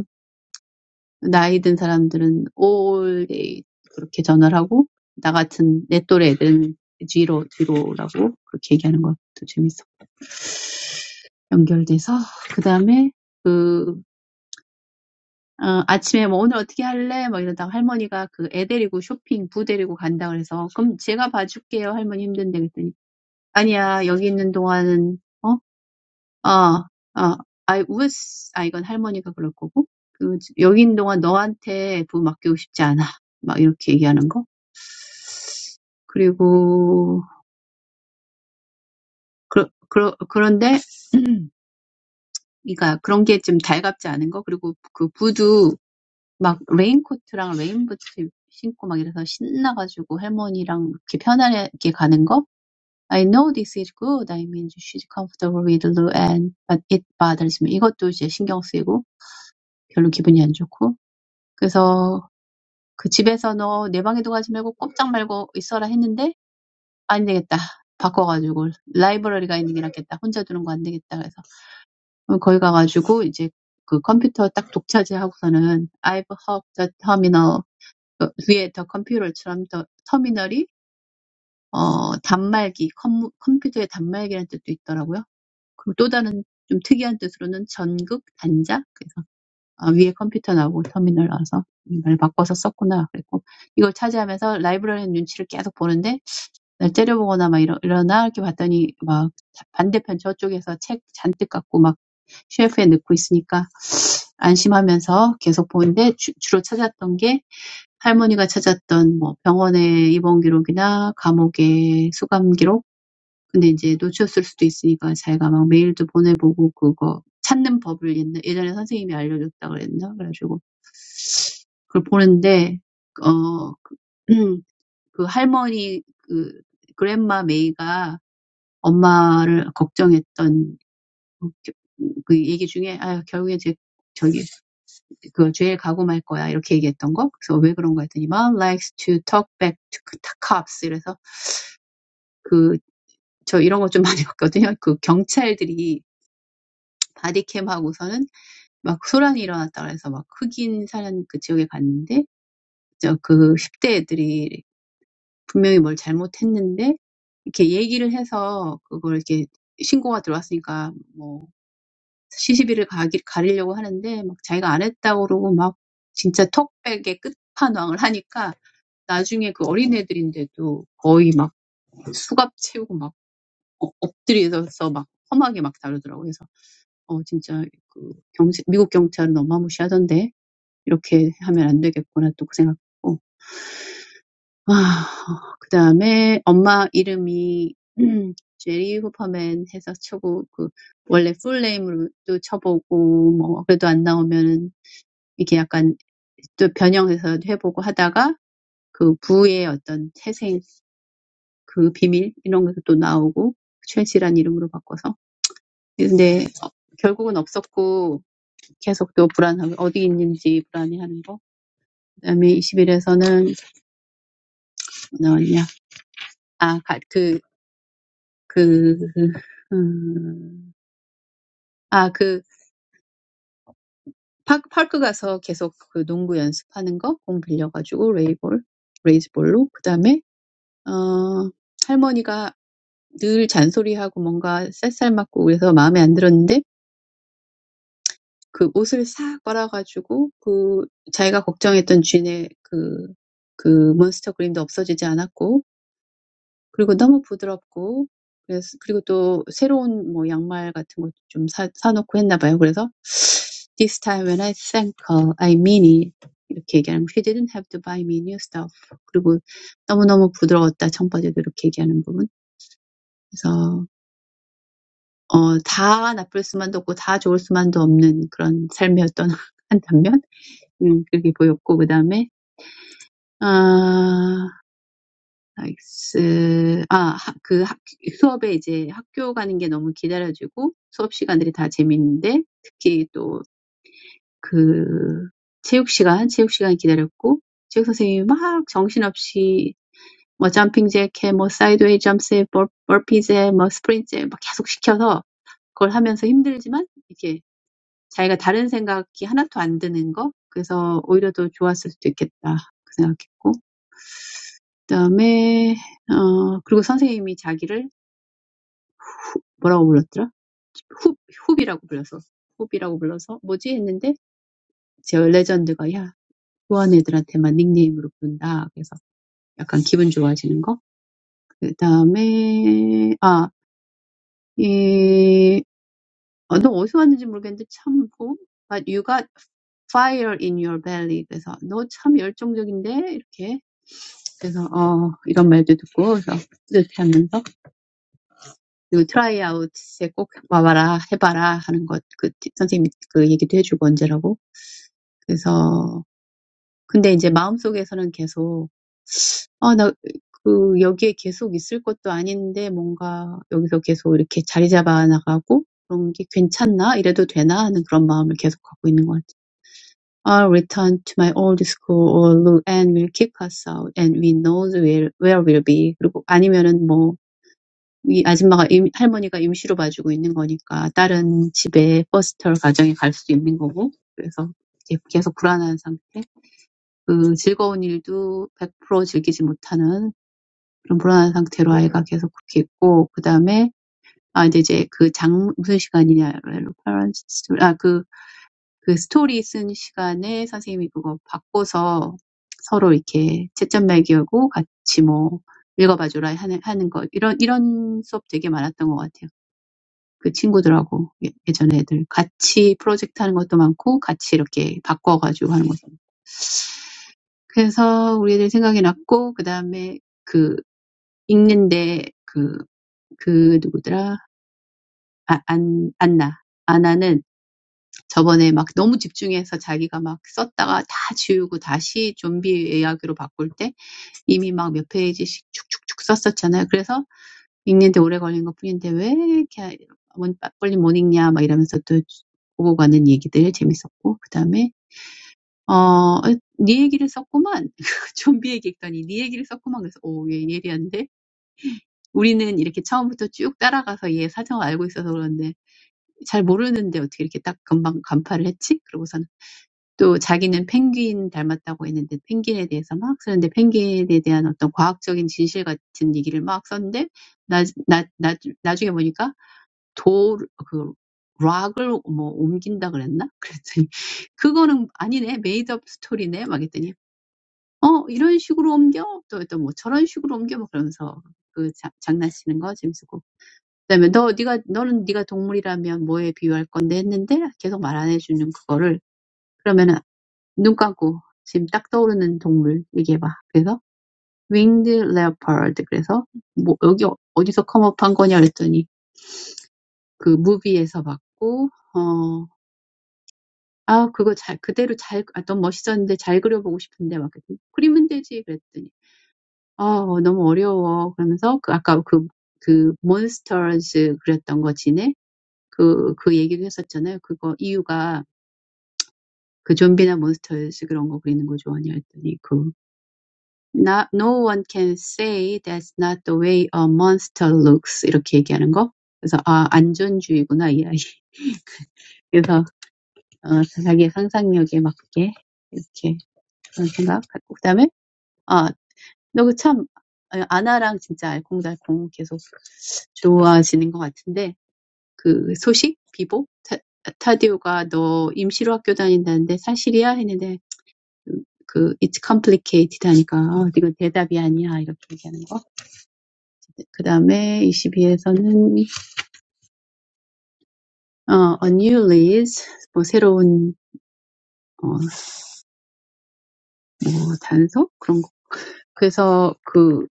Speaker 2: 나이 든 사람들은 all day 그렇게 전화를 하고 나 같은 내 또래 애들은 뒤로 뒤로라고 그렇게 얘기하는 것도 재밌어. 연결돼서 그 다음에 그 어, 아침에 뭐 오늘 어떻게 할래? 막 이러다가 할머니가 그애 데리고 쇼핑 부 데리고 간다 그래서 그럼 제가 봐줄게요 할머니 힘든데 그랬더니 아니야 여기 있는 동안은 어? 아, 아, I was, 아, 이건 할머니가 그럴 거고, 그, 여기 있는 동안 너한테 부 맡기고 싶지 않아. 막 이렇게 얘기하는 거. 그리고, 그, 그, 그런데, 그러니까 그런 게 좀 달갑지 않은 거. 그리고 그 부도 막 레인코트랑 레인부츠 신고 막 이래서 신나가지고 할머니랑 이렇게 편안하게 가는 거. I know this is good. I mean, she's comfortable with low end, but it bothers me. 이것도 이제 신경 쓰이고 별로 기분이 안 좋고. 그래서 그 집에서 너 내 방에도 가지 말고 꼼짝 말고 있어라 했는데 안 되겠다. 바꿔가지고 라이브러리가 있는 게 낫겠다. 혼자 두는 거 안 되겠다. 그래서 거기 가가지고 이제 그 컴퓨터 딱 독차지하고서는 I've hooked the terminal 그 위에 더 컴퓨터처럼 더 터미널이 어 단말기 컴, 컴퓨터의 단말기라는 뜻도 있더라고요. 그리고 또 다른 좀 특이한 뜻으로는 전극 단자 그래서 아, 위에 컴퓨터 나오고 터미널 나와서 이걸 바꿔서 썼구나. 그랬고, 이걸 차지하면서 라이브러리 눈치를 계속 보는데, 날 째려보거나 막 이러, 이러나 이렇게 봤더니, 막 반대편 저쪽에서 책 잔뜩 갖고 막셰프에 넣고 있으니까 안심하면서 계속 보는데, 주, 주로 찾았던 게, 할머니가 찾았던 뭐 병원의 입원 기록이나 감옥의 수감 기록, 근데 이제 놓쳤을 수도 있으니까 자기가 막 메일도 보내보고 그거 찾는 법을 옛날- 예전에 선생님이 알려줬다 그랬나? 그래가지고 그걸 보는데 어, 그 할머니 그 그랜마 메이가 엄마를 걱정했던 그그 얘기 중에 아 결국에 제 저기 그 죄에 가고 말 거야 이렇게 얘기했던 거 그래서 왜 그런 거 했더니 mom likes to talk back to cops 이래서 그 저 이런 거 좀 많이 봤거든요 그 경찰들이 바디캠 하고서는 막 소란이 일어났다 그래서 막 흑인 사는 그 지역에 갔는데 저그 10대 애들이 분명히 뭘 잘못했는데 이렇게 얘기를 해서 그걸 이렇게 신고가 들어왔으니까 뭐 시시비를 가기, 가리려고 하는데 막 자기가 안 했다고 그러고 막 진짜 턱백의 끝판왕을 하니까 나중에 그 어린애들인데도 거의 막 수갑 채우고 막 어- 엎드려서 막 험하게 막 다루더라고요. 그래서 어 진짜 그 경찰, 미국 경찰은 어마무시하던데 이렇게 하면 안 되겠구나 또그 생각. 어, 아 그다음에 엄마 이름이 음, 제리 후퍼맨 해서 쳐고 그 원래 풀네임으로도 쳐보고 뭐 그래도 안 나오면은 이게 약간 또 변형해서 해보고 하다가 그 부의 어떤 태생 그 비밀 이런 것도 또 나오고 최씨란 이름으로 바꿔서 근데 어, 결국은 없었고 계속 또 불안하고 어디 있는지 불안해하는 거 그다음에 2일에서는뭐 나왔냐 아 그그 그, 그, 음, 아, 그, 파, 파크 가서 계속 그 농구 연습하는 거, 공 빌려가지고, 레이볼, 레이즈볼로. 그 다음에, 어, 할머니가 늘 잔소리하고 뭔가 쌀쌀 맞고 그래서 마음에 안 들었는데, 그 옷을 싹 빨아가지고, 그, 자기가 걱정했던 쥔의 그, 그 몬스터 그림도 없어지지 않았고, 그리고 너무 부드럽고 그래서 그리고 또 새로운 뭐 양말 같은 것도 좀 사, 사놓고 했나 봐요. 그래서 This time when I thank her, I mean it. 이렇게 얘기하는 거. She didn't have to buy me new stuff. 그리고 너무너무 부드러웠다. 청바지도 이렇게 얘기하는 부분. 그래서 어, 다 나쁠 수만도 없고 다 좋을 수만도 없는 그런 삶이었던 한 단면 음, 그렇게 보였고 그 다음에 아, 나이스. 아, 하- 그 학, 수업에 이제 학교 가는 게 너무 기다려지고 수업 시간들이 다 재밌는데 특히 또 그 체육 시간, 체육 시간 기다렸고 체육 선생님이 막 정신없이 뭐 점핑 잭해, 뭐 사이드웨이 점프해, 버, 버피제, 뭐 스프린트 막 계속 시켜서 그걸 하면서 힘들지만 이게 자기가 다른 생각이 하나도 안 드는 거 그래서 오히려 더 좋았을 수도 있겠다 그 생각했고 그다음에 어 그리고 선생님이 자기를 뭐라고 불렀더라? 훅, 훅이라고 불렀서 훅이라고 불러서, 뭐지? 했는데, 제 레전드가, 야, 후원 애들한테만 닉네임으로 부른다. 그래서 약간 기분 좋아지는 거. 그 다음에, 아, 이, 어, 너 어디서 왔는지 모르겠는데, 참, 뭐, but you got fire in your belly. 그래서, 너 참 열정적인데? 이렇게. 그래서, 어, 이런 말도 듣고, 그래서 뿌듯해하면서, 그리고 트라이아웃에 꼭 와봐라, 해봐라 하는 것, 그, 선생님이 그 얘기도 해주고 언제라고. 그래서 근데 이제 마음속에서는 계속 아, 나 그 여기에 계속 있을 것도 아닌데 뭔가 여기서 계속 이렇게 자리 잡아 나가고 그런 게 괜찮나? 이래도 되나? 하는 그런 마음을 계속 갖고 있는 것 같아요. I'll return to my old school or look and will kick us out and we know where, where we'll be. 그리고 아니면은 뭐, 이 아줌마가, 임, 할머니가 임시로 봐주고 있는 거니까 다른 집에 버스터 가정에 갈 수도 있는 거고. 그래서 이제 계속 불안한 상태. 그 즐거운 일도 100% 즐기지 못하는 그런 불안한 상태로 아이가 계속 그렇게 있고, 그 다음에, 아, 근데 이제 그 장, 무슨 시간이냐, 스토리 아, 그, 그 스토리 쓴 시간에 선생님이 그거 바꿔서 서로 이렇게 채점 매기하고 같이 뭐, 읽어봐줘라 하는, 하는 거, 이런, 이런 수업 되게 많았던 것 같아요. 그 친구들하고 예- 예전에 애들 같이 프로젝트 하는 것도 많고, 같이 이렇게 바꿔가지고 하는 것도. 많고. 그래서 우리 애들 생각이 났고, 그 다음에 그 읽는데 그, 그 누구더라? 아, 안, 안나. 아나는 저번에 막 너무 집중해서 자기가 막 썼다가 다 지우고 다시 좀비 이야기로 바꿀 때 이미 막 몇 페이지씩 쭉쭉쭉 썼었잖아요. 그래서 읽는데 오래 걸린 것 뿐인데 왜 이렇게 빨리 못 읽냐 막 이러면서 또 보고 가는 얘기들 재밌었고, 그다음에 어, 에, 네 얘기를 썼구만. 좀비 얘기 했더니 네 얘기를 썼구만. 그래서 오, 얘 예리한데? 우리는 이렇게 처음부터 쭉 따라가서 얘 사정을 알고 있어서 그런데 잘 모르는데 어떻게 이렇게 딱 금방 간파를 했지? 그러고서는 또 자기는 펭귄 닮았다고 했는데 펭귄에 대해서 막 쓰는데 펭귄에 대한 어떤 과학적인 진실 같은 얘기를 막 썼는데 나, 나, 나, 나중에 보니까 도, 그, 락을 뭐 옮긴다 그랬나? 그랬더니 그거는 아니네. 메이드업 스토리네. 막 했더니 어, 이런 식으로 옮겨? 또, 또 뭐, 저런 식으로 옮겨? 뭐, 그러면서 그 자, 장난치는 거 재밌고. 그다음에 너, 네가, 너는 네가 동물이라면 뭐에 비유할 건데 했는데 계속 말 안 해주는 그거를 그러면은 눈 감고 지금 딱 떠오르는 동물 얘기해봐. 그래서 winged leopard. 그래서 뭐 여기 어- 어디서 컴업한 거냐 그랬더니 그 무비에서 봤고 어. 아, 그거 잘, 그대로 잘, 아, 너무 멋있었는데 잘 그려보고 싶은데, 막, 그랬더니 그리면 되지, 그랬더니. 어 어, 너무 어려워. 그러면서 그 아까 그, 그 몬스터즈 그랬던 거 지네? 그, 그 얘기도 했었잖아요. 그거 이유가 그 좀비나 몬스터즈 그런 거 그리는 거 좋아하냐 했더니 그 Not, no one can say that's not the way a monster looks 이렇게 얘기하는 거. 그래서 아 안전주의구나 이 아이. 그래서 어, 자기의 상상력에 맞게 이렇게 그런 생각 갖고 그다음에 아 너그참 아나랑 진짜 알콩달콩 계속 좋아지는 것 같은데 그 소식? 비보? 타, 타디오가 너 임시로 학교 다닌다는데 사실이야? 했는데 음, 그 it's complicated 하니까 어, 이건 대답이 아니야 이렇게 얘기하는 거. 그 다음에 22에서는 어, a new lease 뭐 새로운 어, 뭐 단속 그런 거. 그래서 그,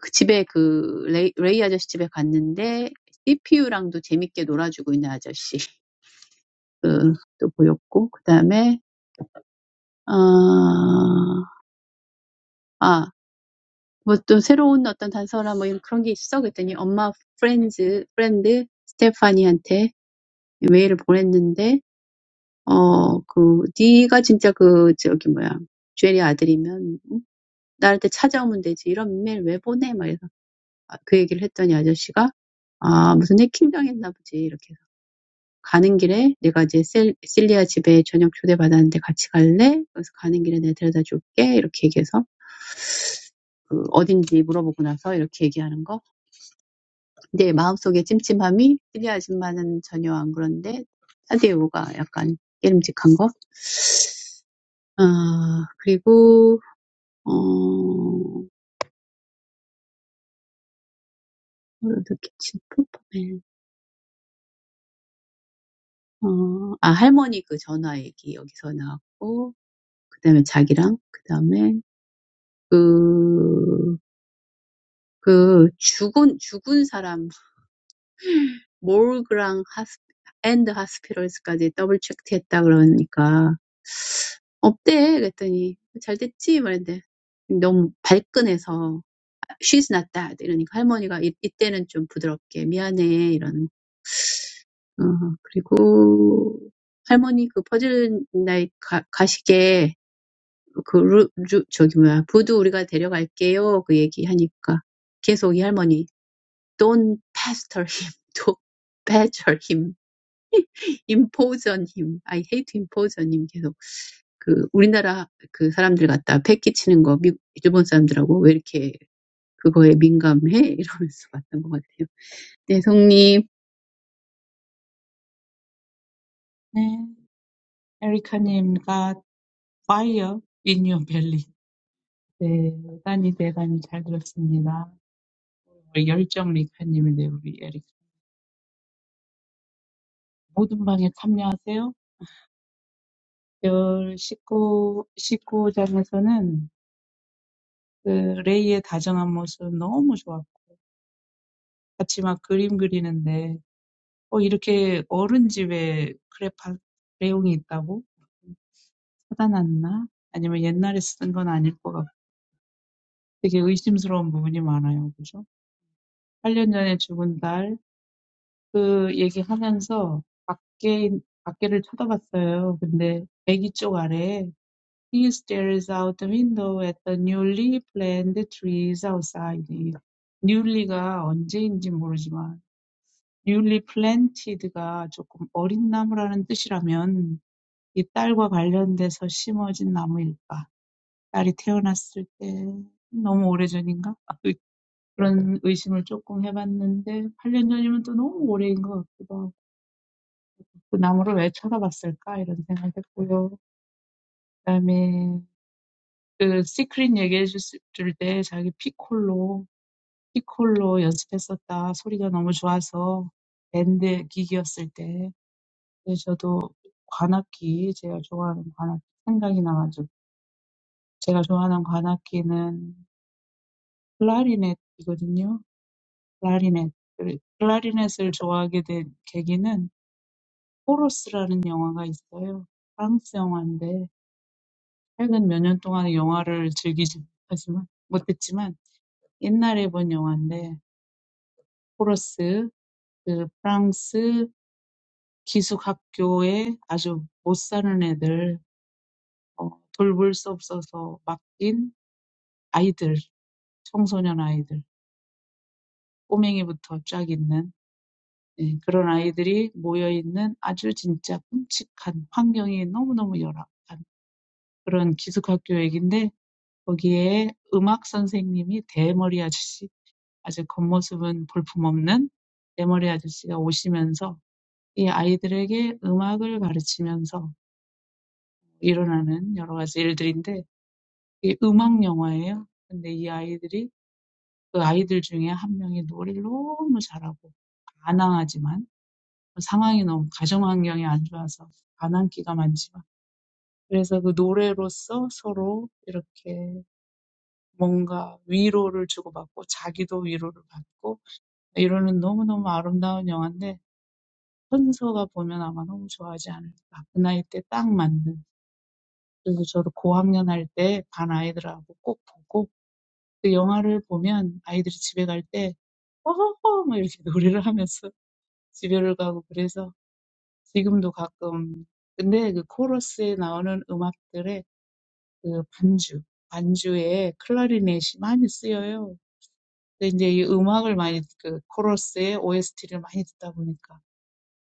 Speaker 2: 그 집에 그 레이, 레이 아저씨 집에 갔는데 CPU랑도 재밌게 놀아주고 있는 아저씨 그, 또 보였고 그 다음에 어, 아 뭐 또 새로운 어떤 단서나 뭐 이런 그런 게 있어? 그랬더니 엄마 프렌즈, 프렌드 스테파니한테 메일을 보냈는데, 어, 그, 네가 진짜 그, 저기 뭐야, 주엘이 아들이면, 응? 나한테 찾아오면 되지. 이런 메일 왜 보내? 막 이래서 아, 그 얘기를 했더니 아저씨가, 아, 무슨 해킹당했나 보지. 이렇게 해서. 가는 길에 내가 이제 셀, 실리아 집에 저녁 초대받았는데 같이 갈래? 그래서 가는 길에 내가 데려다 줄게. 이렇게 얘기해서, 그, 어딘지 물어보고 나서 이렇게 얘기하는 거. 내 마음속의 찜찜함이 찔리 아줌마는 전혀 안 그런데 사디오가 약간 깨름직한 거? 아, 그리고 어, 어떻겠지? 슈퍼맨. 어, 아, 할머니 그 전화 얘기 여기서 나왔고 그다음에 자기랑 그다음에 그, 그 죽은 죽은 사람 몰그랑 하스 앤드 하스피럴스까지 더블 체크했다 그러니까 없대. 그랬더니 잘 됐지? 말했는데 너무 발끈해서 she's not that 이러니까 할머니가 이, 이때는 좀 부드럽게 미안해 이러는 어, 그리고 할머니 그 퍼즐 나이 가, 가시게 그 루, 루, 저기 뭐야 부두 우리가 데려갈게요 그 얘기하니까 계속 이 할머니 don't pester him don't badger him impose on him I hate to impose on him 계속 그 우리나라 그 사람들 갖다 패기치는 거 미, 일본 사람들하고 왜 이렇게 그거에 민감해? 이러면서 봤던 것 같아요. 네, 성님
Speaker 3: 네. 에리카님, got fire in your belly. 네, 대단히 대단히 잘 들었습니다. 우리 열정 리카님이네 우리 에릭 모든 방에 참여하세요. 열 십구 19장에서는 그 레이의 다정한 모습 너무 좋았고 같이 막 그림 그리는데 어 이렇게 어른 집에 크레파 레옹이 있다고 사다 놨나? 아니면 옛날에 쓰던 건 아닐 것 같고 되게 의심스러운 부분이 많아요. 그죠? 8년 전에 죽은 딸 그 얘기하면서 밖에 밖에를 쳐다봤어요. 근데 애기 쪽 아래에 He stares out the window at the newly planted trees outside. it. newly가 언제인지 모르지만 newly planted가 조금 어린 나무라는 뜻이라면 이 딸과 관련돼서 심어진 나무일까? 딸이 태어났을 때 너무 오래전인가? 그런 의심을 조금 해봤는데 8년 전이면 또 너무 오래인 것 같기도 하고 그 나무를 왜 쳐다봤을까? 이런 생각했고요. 그다음에 그 시크릿 얘기해 줬을 때 자기 피콜로 피콜로 연습했었다. 소리가 너무 좋아서 밴드 기기였을 때. 근데 저도 관악기 제가 좋아하는 관악기 생각이 나가지고 제가 좋아하는 관악기는 클라리넷이거든요. 클라리넷. 그 클라리넷을 좋아하게 된 계기는 포로스라는 영화가 있어요. 프랑스 영화인데 최근 몇년 동안 영화를 즐기지 못하지만 못했지만 옛날에 본 영화인데 플러스 그 프랑스 기숙학교에 아주 못 사는 애들, 어, 돌볼 수 없어서 맡긴 아이들, 청소년 아이들, 꼬맹이부터 쫙 있는 예, 그런 아이들이 모여있는 아주 진짜 끔찍한 환경이 너무너무 열악한 그런 기숙학교 얘긴데 거기에 음악 선생님이 대머리 아저씨, 아주 겉모습은 볼품없는 대머리 아저씨가 오시면서 이 아이들에게 음악을 가르치면서 일어나는 여러 가지 일들인데 이게 음악 영화예요. 근데 이 아이들이 그 아이들 중에 한 명이 노래를 너무 잘하고 가난하지만 상황이 너무 가정 환경이 안 좋아서 가난기가 많지만 그래서 그 노래로써 서로 이렇게 뭔가 위로를 주고받고 자기도 위로를 받고 이러는 너무너무 아름다운 영화인데 현서가 보면 아마 너무 좋아하지 않을까. 그 나이 때딱 맞는. 그래서 저도 고학년 할때반 아이들하고 꼭 보고 그 영화를 보면 아이들이 집에 갈 때 "허허허" 막 이렇게 노래를 하면서 집에를 가고 그래서 지금도 가끔 근데 그 코러스에 나오는 음악들의 그 반주, 반주에 클라리넷이 많이 쓰여요. 근데 이제 이 음악을 많이 그 코러스의 OST를 많이 듣다 보니까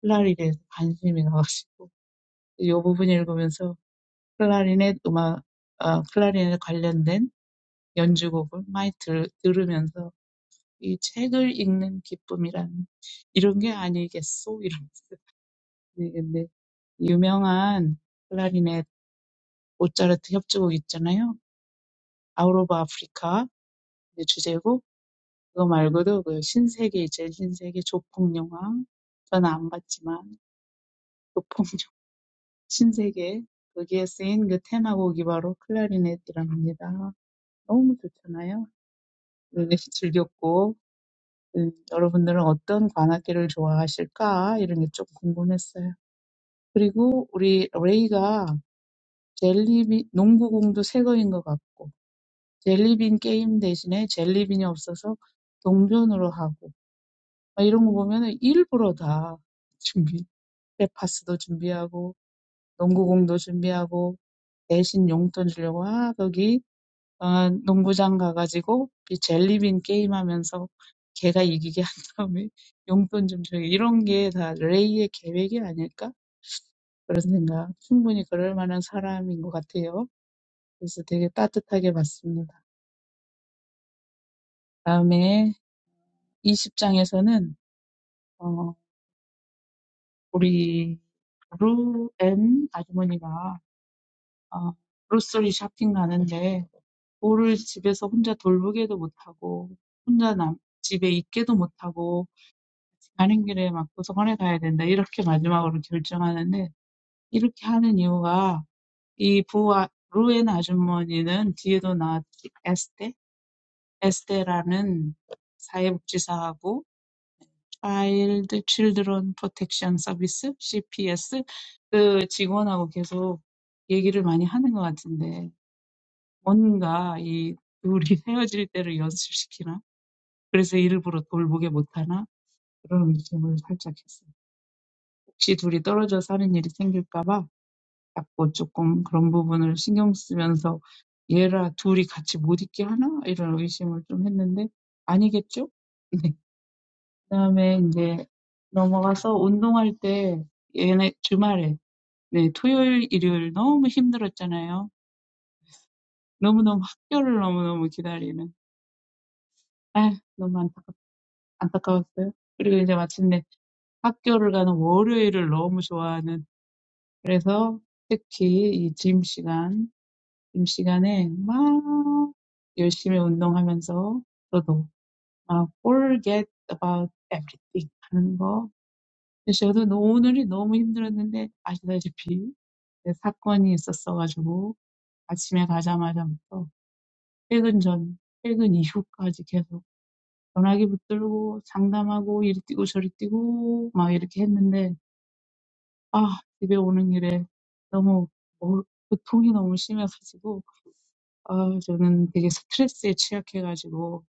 Speaker 3: 클라리넷 관심이 나가지고 이 부분 읽으면서 클라리넷 음악, 아, 클라리넷 관련된 연주곡을 많이 들, 들으면서 이 책을 읽는 기쁨이란 이런 게 아니겠소? 이러면서. 네, 근데 유명한 클라리넷 모차르트 협주곡 있잖아요. Out of Africa 이제 주제곡 그거 말고도 그 신세계 이제 신세계 조폭 영화 저는 안 봤지만 조폭 영화 신세계 거기에 쓰인 그 테마곡이 바로 클라리넷이랍니다. 너무 좋잖아요. 네, 즐겼고 음, 여러분들은 어떤 관악기를 좋아하실까 이런 게좀 궁금했어요. 그리고 우리 레이가 젤리빈 농구공도 새 거인 것 같고 젤리빈 게임 대신에 젤리빈이 없어서 동전으로 하고 막 이런 거 보면은 일부러 다 준비 빼파스도 준비하고 농구공도 준비하고 대신 용돈 주려고 아 거기 어, 농구장 가가지고 이 젤리빈 게임 하면서 걔가 이기게 한 다음에 용돈 좀 줘요 이런 게다 레이의 계획이 아닐까 그런 생각 충분히 그럴 만한 사람인 것 같아요. 그래서 되게 따뜻하게 봤습니다. 다음에 20장에서는 어, 우리 루앤 아주머니가 어, 로스리 쇼핑 가는데 볼을 집에서 혼자 돌보게도 못하고 혼자 남, 집에 있게도 못하고 가는 길에 막 도서관에 가야 된다 이렇게 마지막으로 결정하는데 이렇게 하는 이유가 이 부하 루앤 아주머니는 뒤에도 나왔지 에스테 에스테라는 사회복지사하고 Child Children Protection Service (CPS) 그 직원하고 계속 얘기를 많이 하는 것 같은데 뭔가 이 둘이 헤어질 때를 연습시키나? 그래서 일부러 돌보게 못하나? 그런 의심을 살짝 했어요. 혹시 둘이 떨어져 사는 일이 생길까봐 자꾸 조금 그런 부분을 신경 쓰면서 얘라 둘이 같이 못 있게 하나? 이런 의심을 좀 했는데 아니겠죠? 그다음에 이제 넘어가서 운동할 때 얘네 주말에 네, 토요일, 일요일 너무 힘들었잖아요. 너무너무 학교를 너무너무 기다리는. 아, 너무 안타깝, 안타까웠어요. 그리고 이제 마침내 학교를 가는 월요일을 너무 좋아하는. 그래서 특히 이 짐 시간, 짐 시간에 막 열심히 운동하면서 저도 막 forget about everything 하는 거 근데 저도 오늘이 너무 힘들었는데 아시다시피 그 사건이 있었어가지고 아침에 가자마자부터 퇴근 전, 퇴근 이후까지 계속 전화기 붙들고 상담하고 이리 뛰고 저리 뛰고 막 이렇게 했는데 아 집에 오는 길에 너무 뭐, 고통이 너무 심해가지고 아 저는 되게 스트레스에 취약해가지고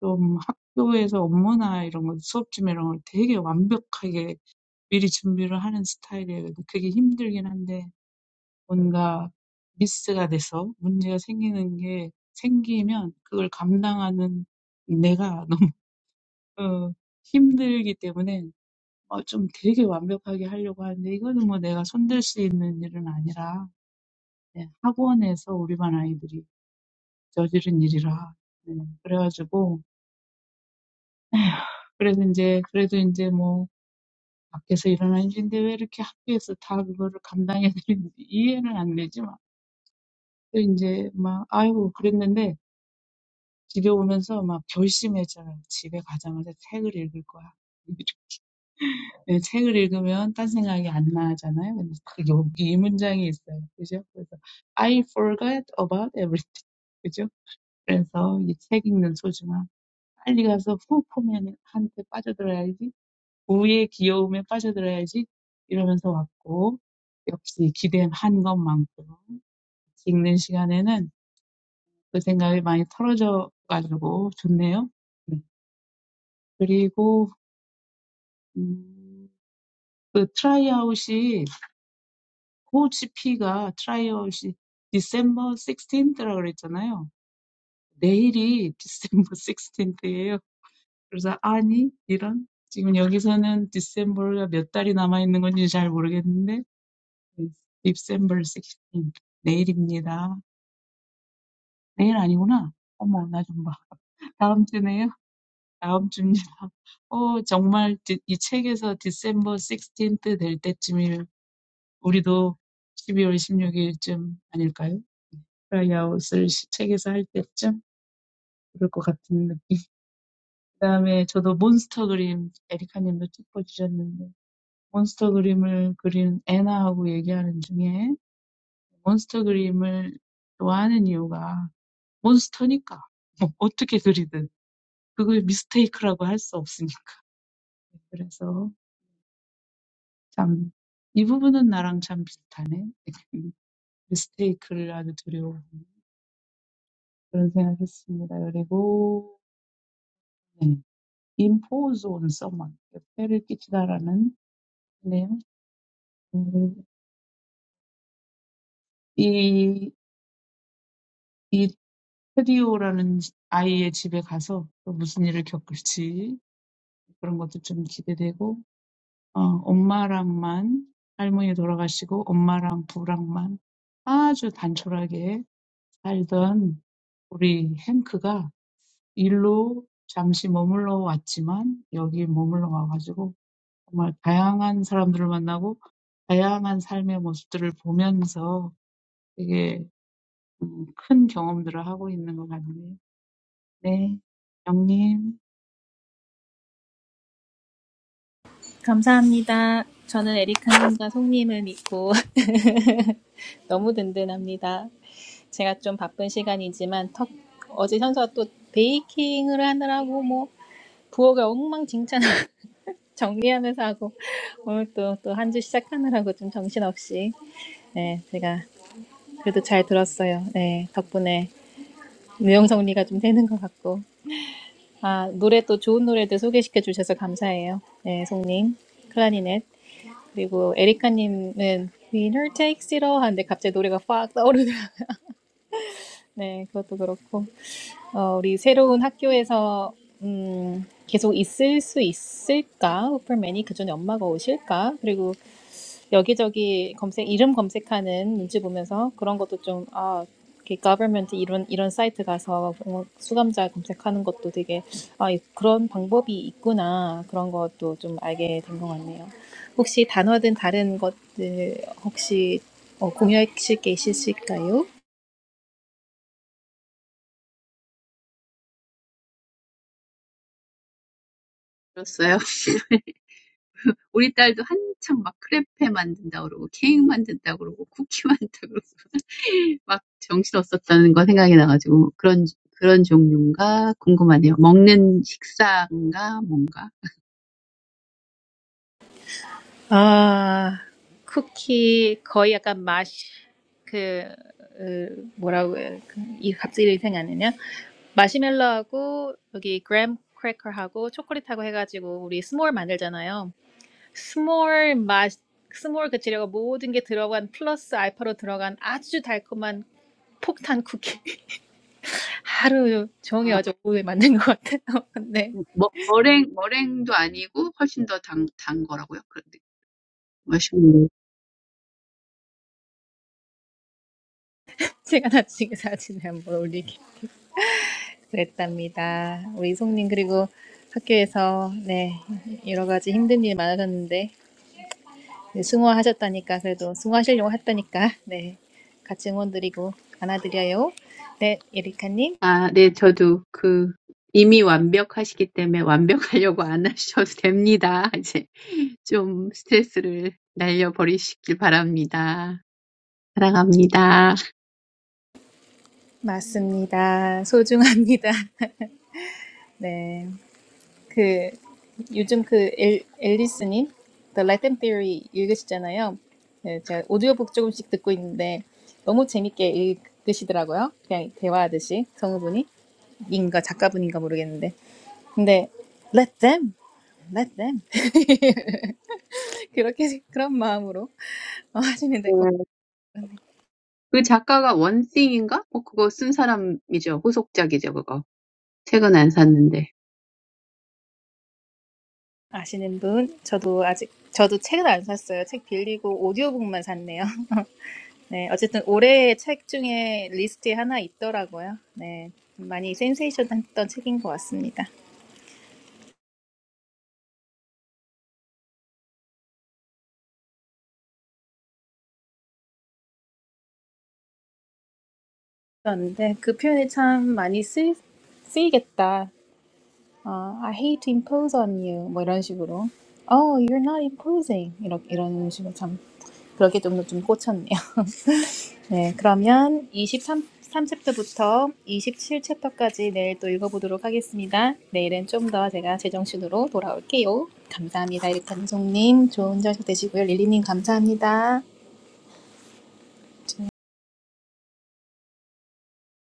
Speaker 3: 좀 학교에서 업무나 이런 거 수업 준비 이런 걸 되게 완벽하게 미리 준비를 하는 스타일이에요. 근데 그게 힘들긴 한데 뭔가 미스가 돼서 문제가 생기는 게 생기면 그걸 감당하는 내가 너무 어, 힘들기 때문에 어, 좀 되게 완벽하게 하려고 하는데 이거는 뭐 내가 손댈 수 있는 일은 아니라 네, 학원에서 우리 반 아이들이 저지른 일이라 네, 그래가지고 그래서 이제 그래도 이제 뭐 밖에서 일어난 일인데 왜 이렇게 학교에서 다 그거를 감당해야 되는지 이해는 안 되지만 또 이제 막 아이고 그랬는데 집에 오면서 막 결심했잖아요. 집에 가자마자 책을 읽을 거야. 네, 책을 읽으면 딴 생각이 안 나잖아요. 근데 그 여기 이 문장이 있어요. 그죠? 그래서 I forgot about everything. 그죠? 그래서 이 책 읽는 소중함. 빨리 가서 후포맨한테 빠져들어야지. 우의 귀여움에 빠져들어야지. 이러면서 왔고 역시 기대한 것만큼 읽는 시간에는 그 생각이 많이 털어져 가지고 좋네요. 네. 그리고 The tryout's HCP is December 16th, I said. Tomorrow is December 16th. So, no, this. Right now, I don't know how many months are left in December. December 16th is tomorrow. Tomorrow is not. Oh, I'll see. Next week. Next week. Oh, really? This book says December 16th will be the time. 우리도 12월 16일쯤 아닐까요? 프라이아웃을 책에서 할 때쯤 그럴 것 같은 느낌. 그 다음에 저도 몬스터 그림 에리카님도 쭉 보셨는데 몬스터 그림을 그린 애나하고 얘기하는 중에 몬스터 그림을 좋아하는 이유가 몬스터니까 뭐 어떻게 그리든 그걸 미스테이크라고 할수 없으니까 그래서 참이 부분은 나랑 참 비슷하네 미스테이크를 아주 두려워. 그런 생각했습니다. 그리고 네. impose on someone 폐를 끼치다라는 네요. 음, 이, 이 테디오라는 아이의 집에 가서 또 무슨 일을 겪을지 그런 것도 좀 기대되고 어, 엄마랑만 할머니 돌아가시고 엄마랑 부랑만 아주 단촐하게 살던 우리 행크가 일로 잠시 머물러 왔지만 여기 머물러 와가지고 정말 다양한 사람들을 만나고 다양한 삶의 모습들을 보면서 되게 음, 큰 경험들을 하고 있는 것 같네요. 네, 영님.
Speaker 1: 감사합니다. 저는 에리카님과 송님을 믿고 너무 든든합니다. 제가 좀 바쁜 시간이지만 턱, 어제 현서가 또 베이킹을 하느라고 뭐 부엌을 엉망진창 정리하면서 하고 오늘 또 또 한주 시작하느라고 좀 정신없이 네 제가 그래도 잘 들었어요. 네 덕분에 무용성리가 좀 되는 것 같고 아 노래 또 좋은 노래들 소개시켜 주셔서 감사해요. 네 송님 클라리넷 And Erica, "We'll take you there," but suddenly the song goes up. Yes, that's also true. Our new school, will we continue to be there? Will Superman be there with his mom? 여기저기 검색 이름 검색하는 눈치 보면서 그런 것도 좀 아, 이렇게 government 이런 이런 사이트 가서 수감자 검색하는 것도 되게 아, 그런 방법이 있구나 그런 것도 좀 알게 된 것 같네요. 혹시 단어든 다른 것들 혹시 어, 공유하실 게 있으실까요?
Speaker 2: 들었어요. 우리 딸도 한창 막 크레페 만든다 그러고 케이크 만든다 그러고 쿠키 만든다 그러고 막 정신없었다는 거 생각이 나가지고 그런 그런 종류인가 궁금하네요. 먹는 식사인가 뭔가
Speaker 1: 아, 쿠키 거의 약간 맛이 그, 그 뭐라고 해야- 그이 갑자기 생각이 안 나냐? 마시멜로하고 여기 그램 크래커하고 초콜릿하고 해가지고 우리 스몰 만들잖아요. 스몰 맛 스몰 그 재료가 모든 게 들어간 플러스 알파로 들어간 아주 달콤한 폭탄 쿠키 하루
Speaker 2: 어,
Speaker 1: 종일 어제 오후에 만든 것 같아요. 네,
Speaker 2: 머, 머랭 머랭도 아니고 훨씬 더단단 거라고요. 그런데
Speaker 1: 제가 나중에 사진을 한번 올릴게요. 그랬답니다. 우리 이송님 그리고 학교에서 네 여러 가지 힘든 일 많으셨는데 네, 승화하셨다니까 그래도 승화하시려고 했다니까 네 같이 응원드리고 안아드려요. 네 에리카님
Speaker 2: 아, 네, 저도 그 이미 완벽하시기 때문에 완벽하려고 안 하셔도 됩니다. 이제 좀 스트레스를 날려버리시길 바랍니다. 사랑합니다.
Speaker 1: 맞습니다. 소중합니다. 네그 요즘 그 엘, 앨리스님 The Latin Theory 읽으시잖아요. 네, 제가 오디오북 조금씩 듣고 있는데 너무 재밌게 읽으시더라고요. 그냥 대화하듯이 성우분이. 인가 작가분인가 모르겠는데 근데 let them let them 그렇게 그런 마음으로 어, 하시면
Speaker 2: 네.
Speaker 1: 되고
Speaker 2: 그 작가가 원씽인가? 뭐 그거 쓴 사람이죠. 후속작이죠, 그거. 책은 안 샀는데.
Speaker 1: 아시는 분 저도 아직 저도 책은 안 샀어요 책 빌리고 오디오북만 샀네요 네 어쨌든 올해의 책 중에 리스트에 하나 있더라고요 네 많이 센세이션했던 책인 것 같습니다 그런데 그 표현이 참 많이 쓰, 쓰이겠다 어, I hate to impose on you 뭐 이런 식으로 Oh, you're not imposing. 이렇게 이런 식으로 참 그러게 좀, 좀 꽂혔네요. 네, 그러면 23, 3챕터부터 챕터까지 내일 또 읽어보도록 하겠습니다. 내일은 좀 더 제가 제정신으로 돌아올게요. 감사합니다. 이렇게 감독님 좋은 저녁 되시고요. 릴리님 감사합니다.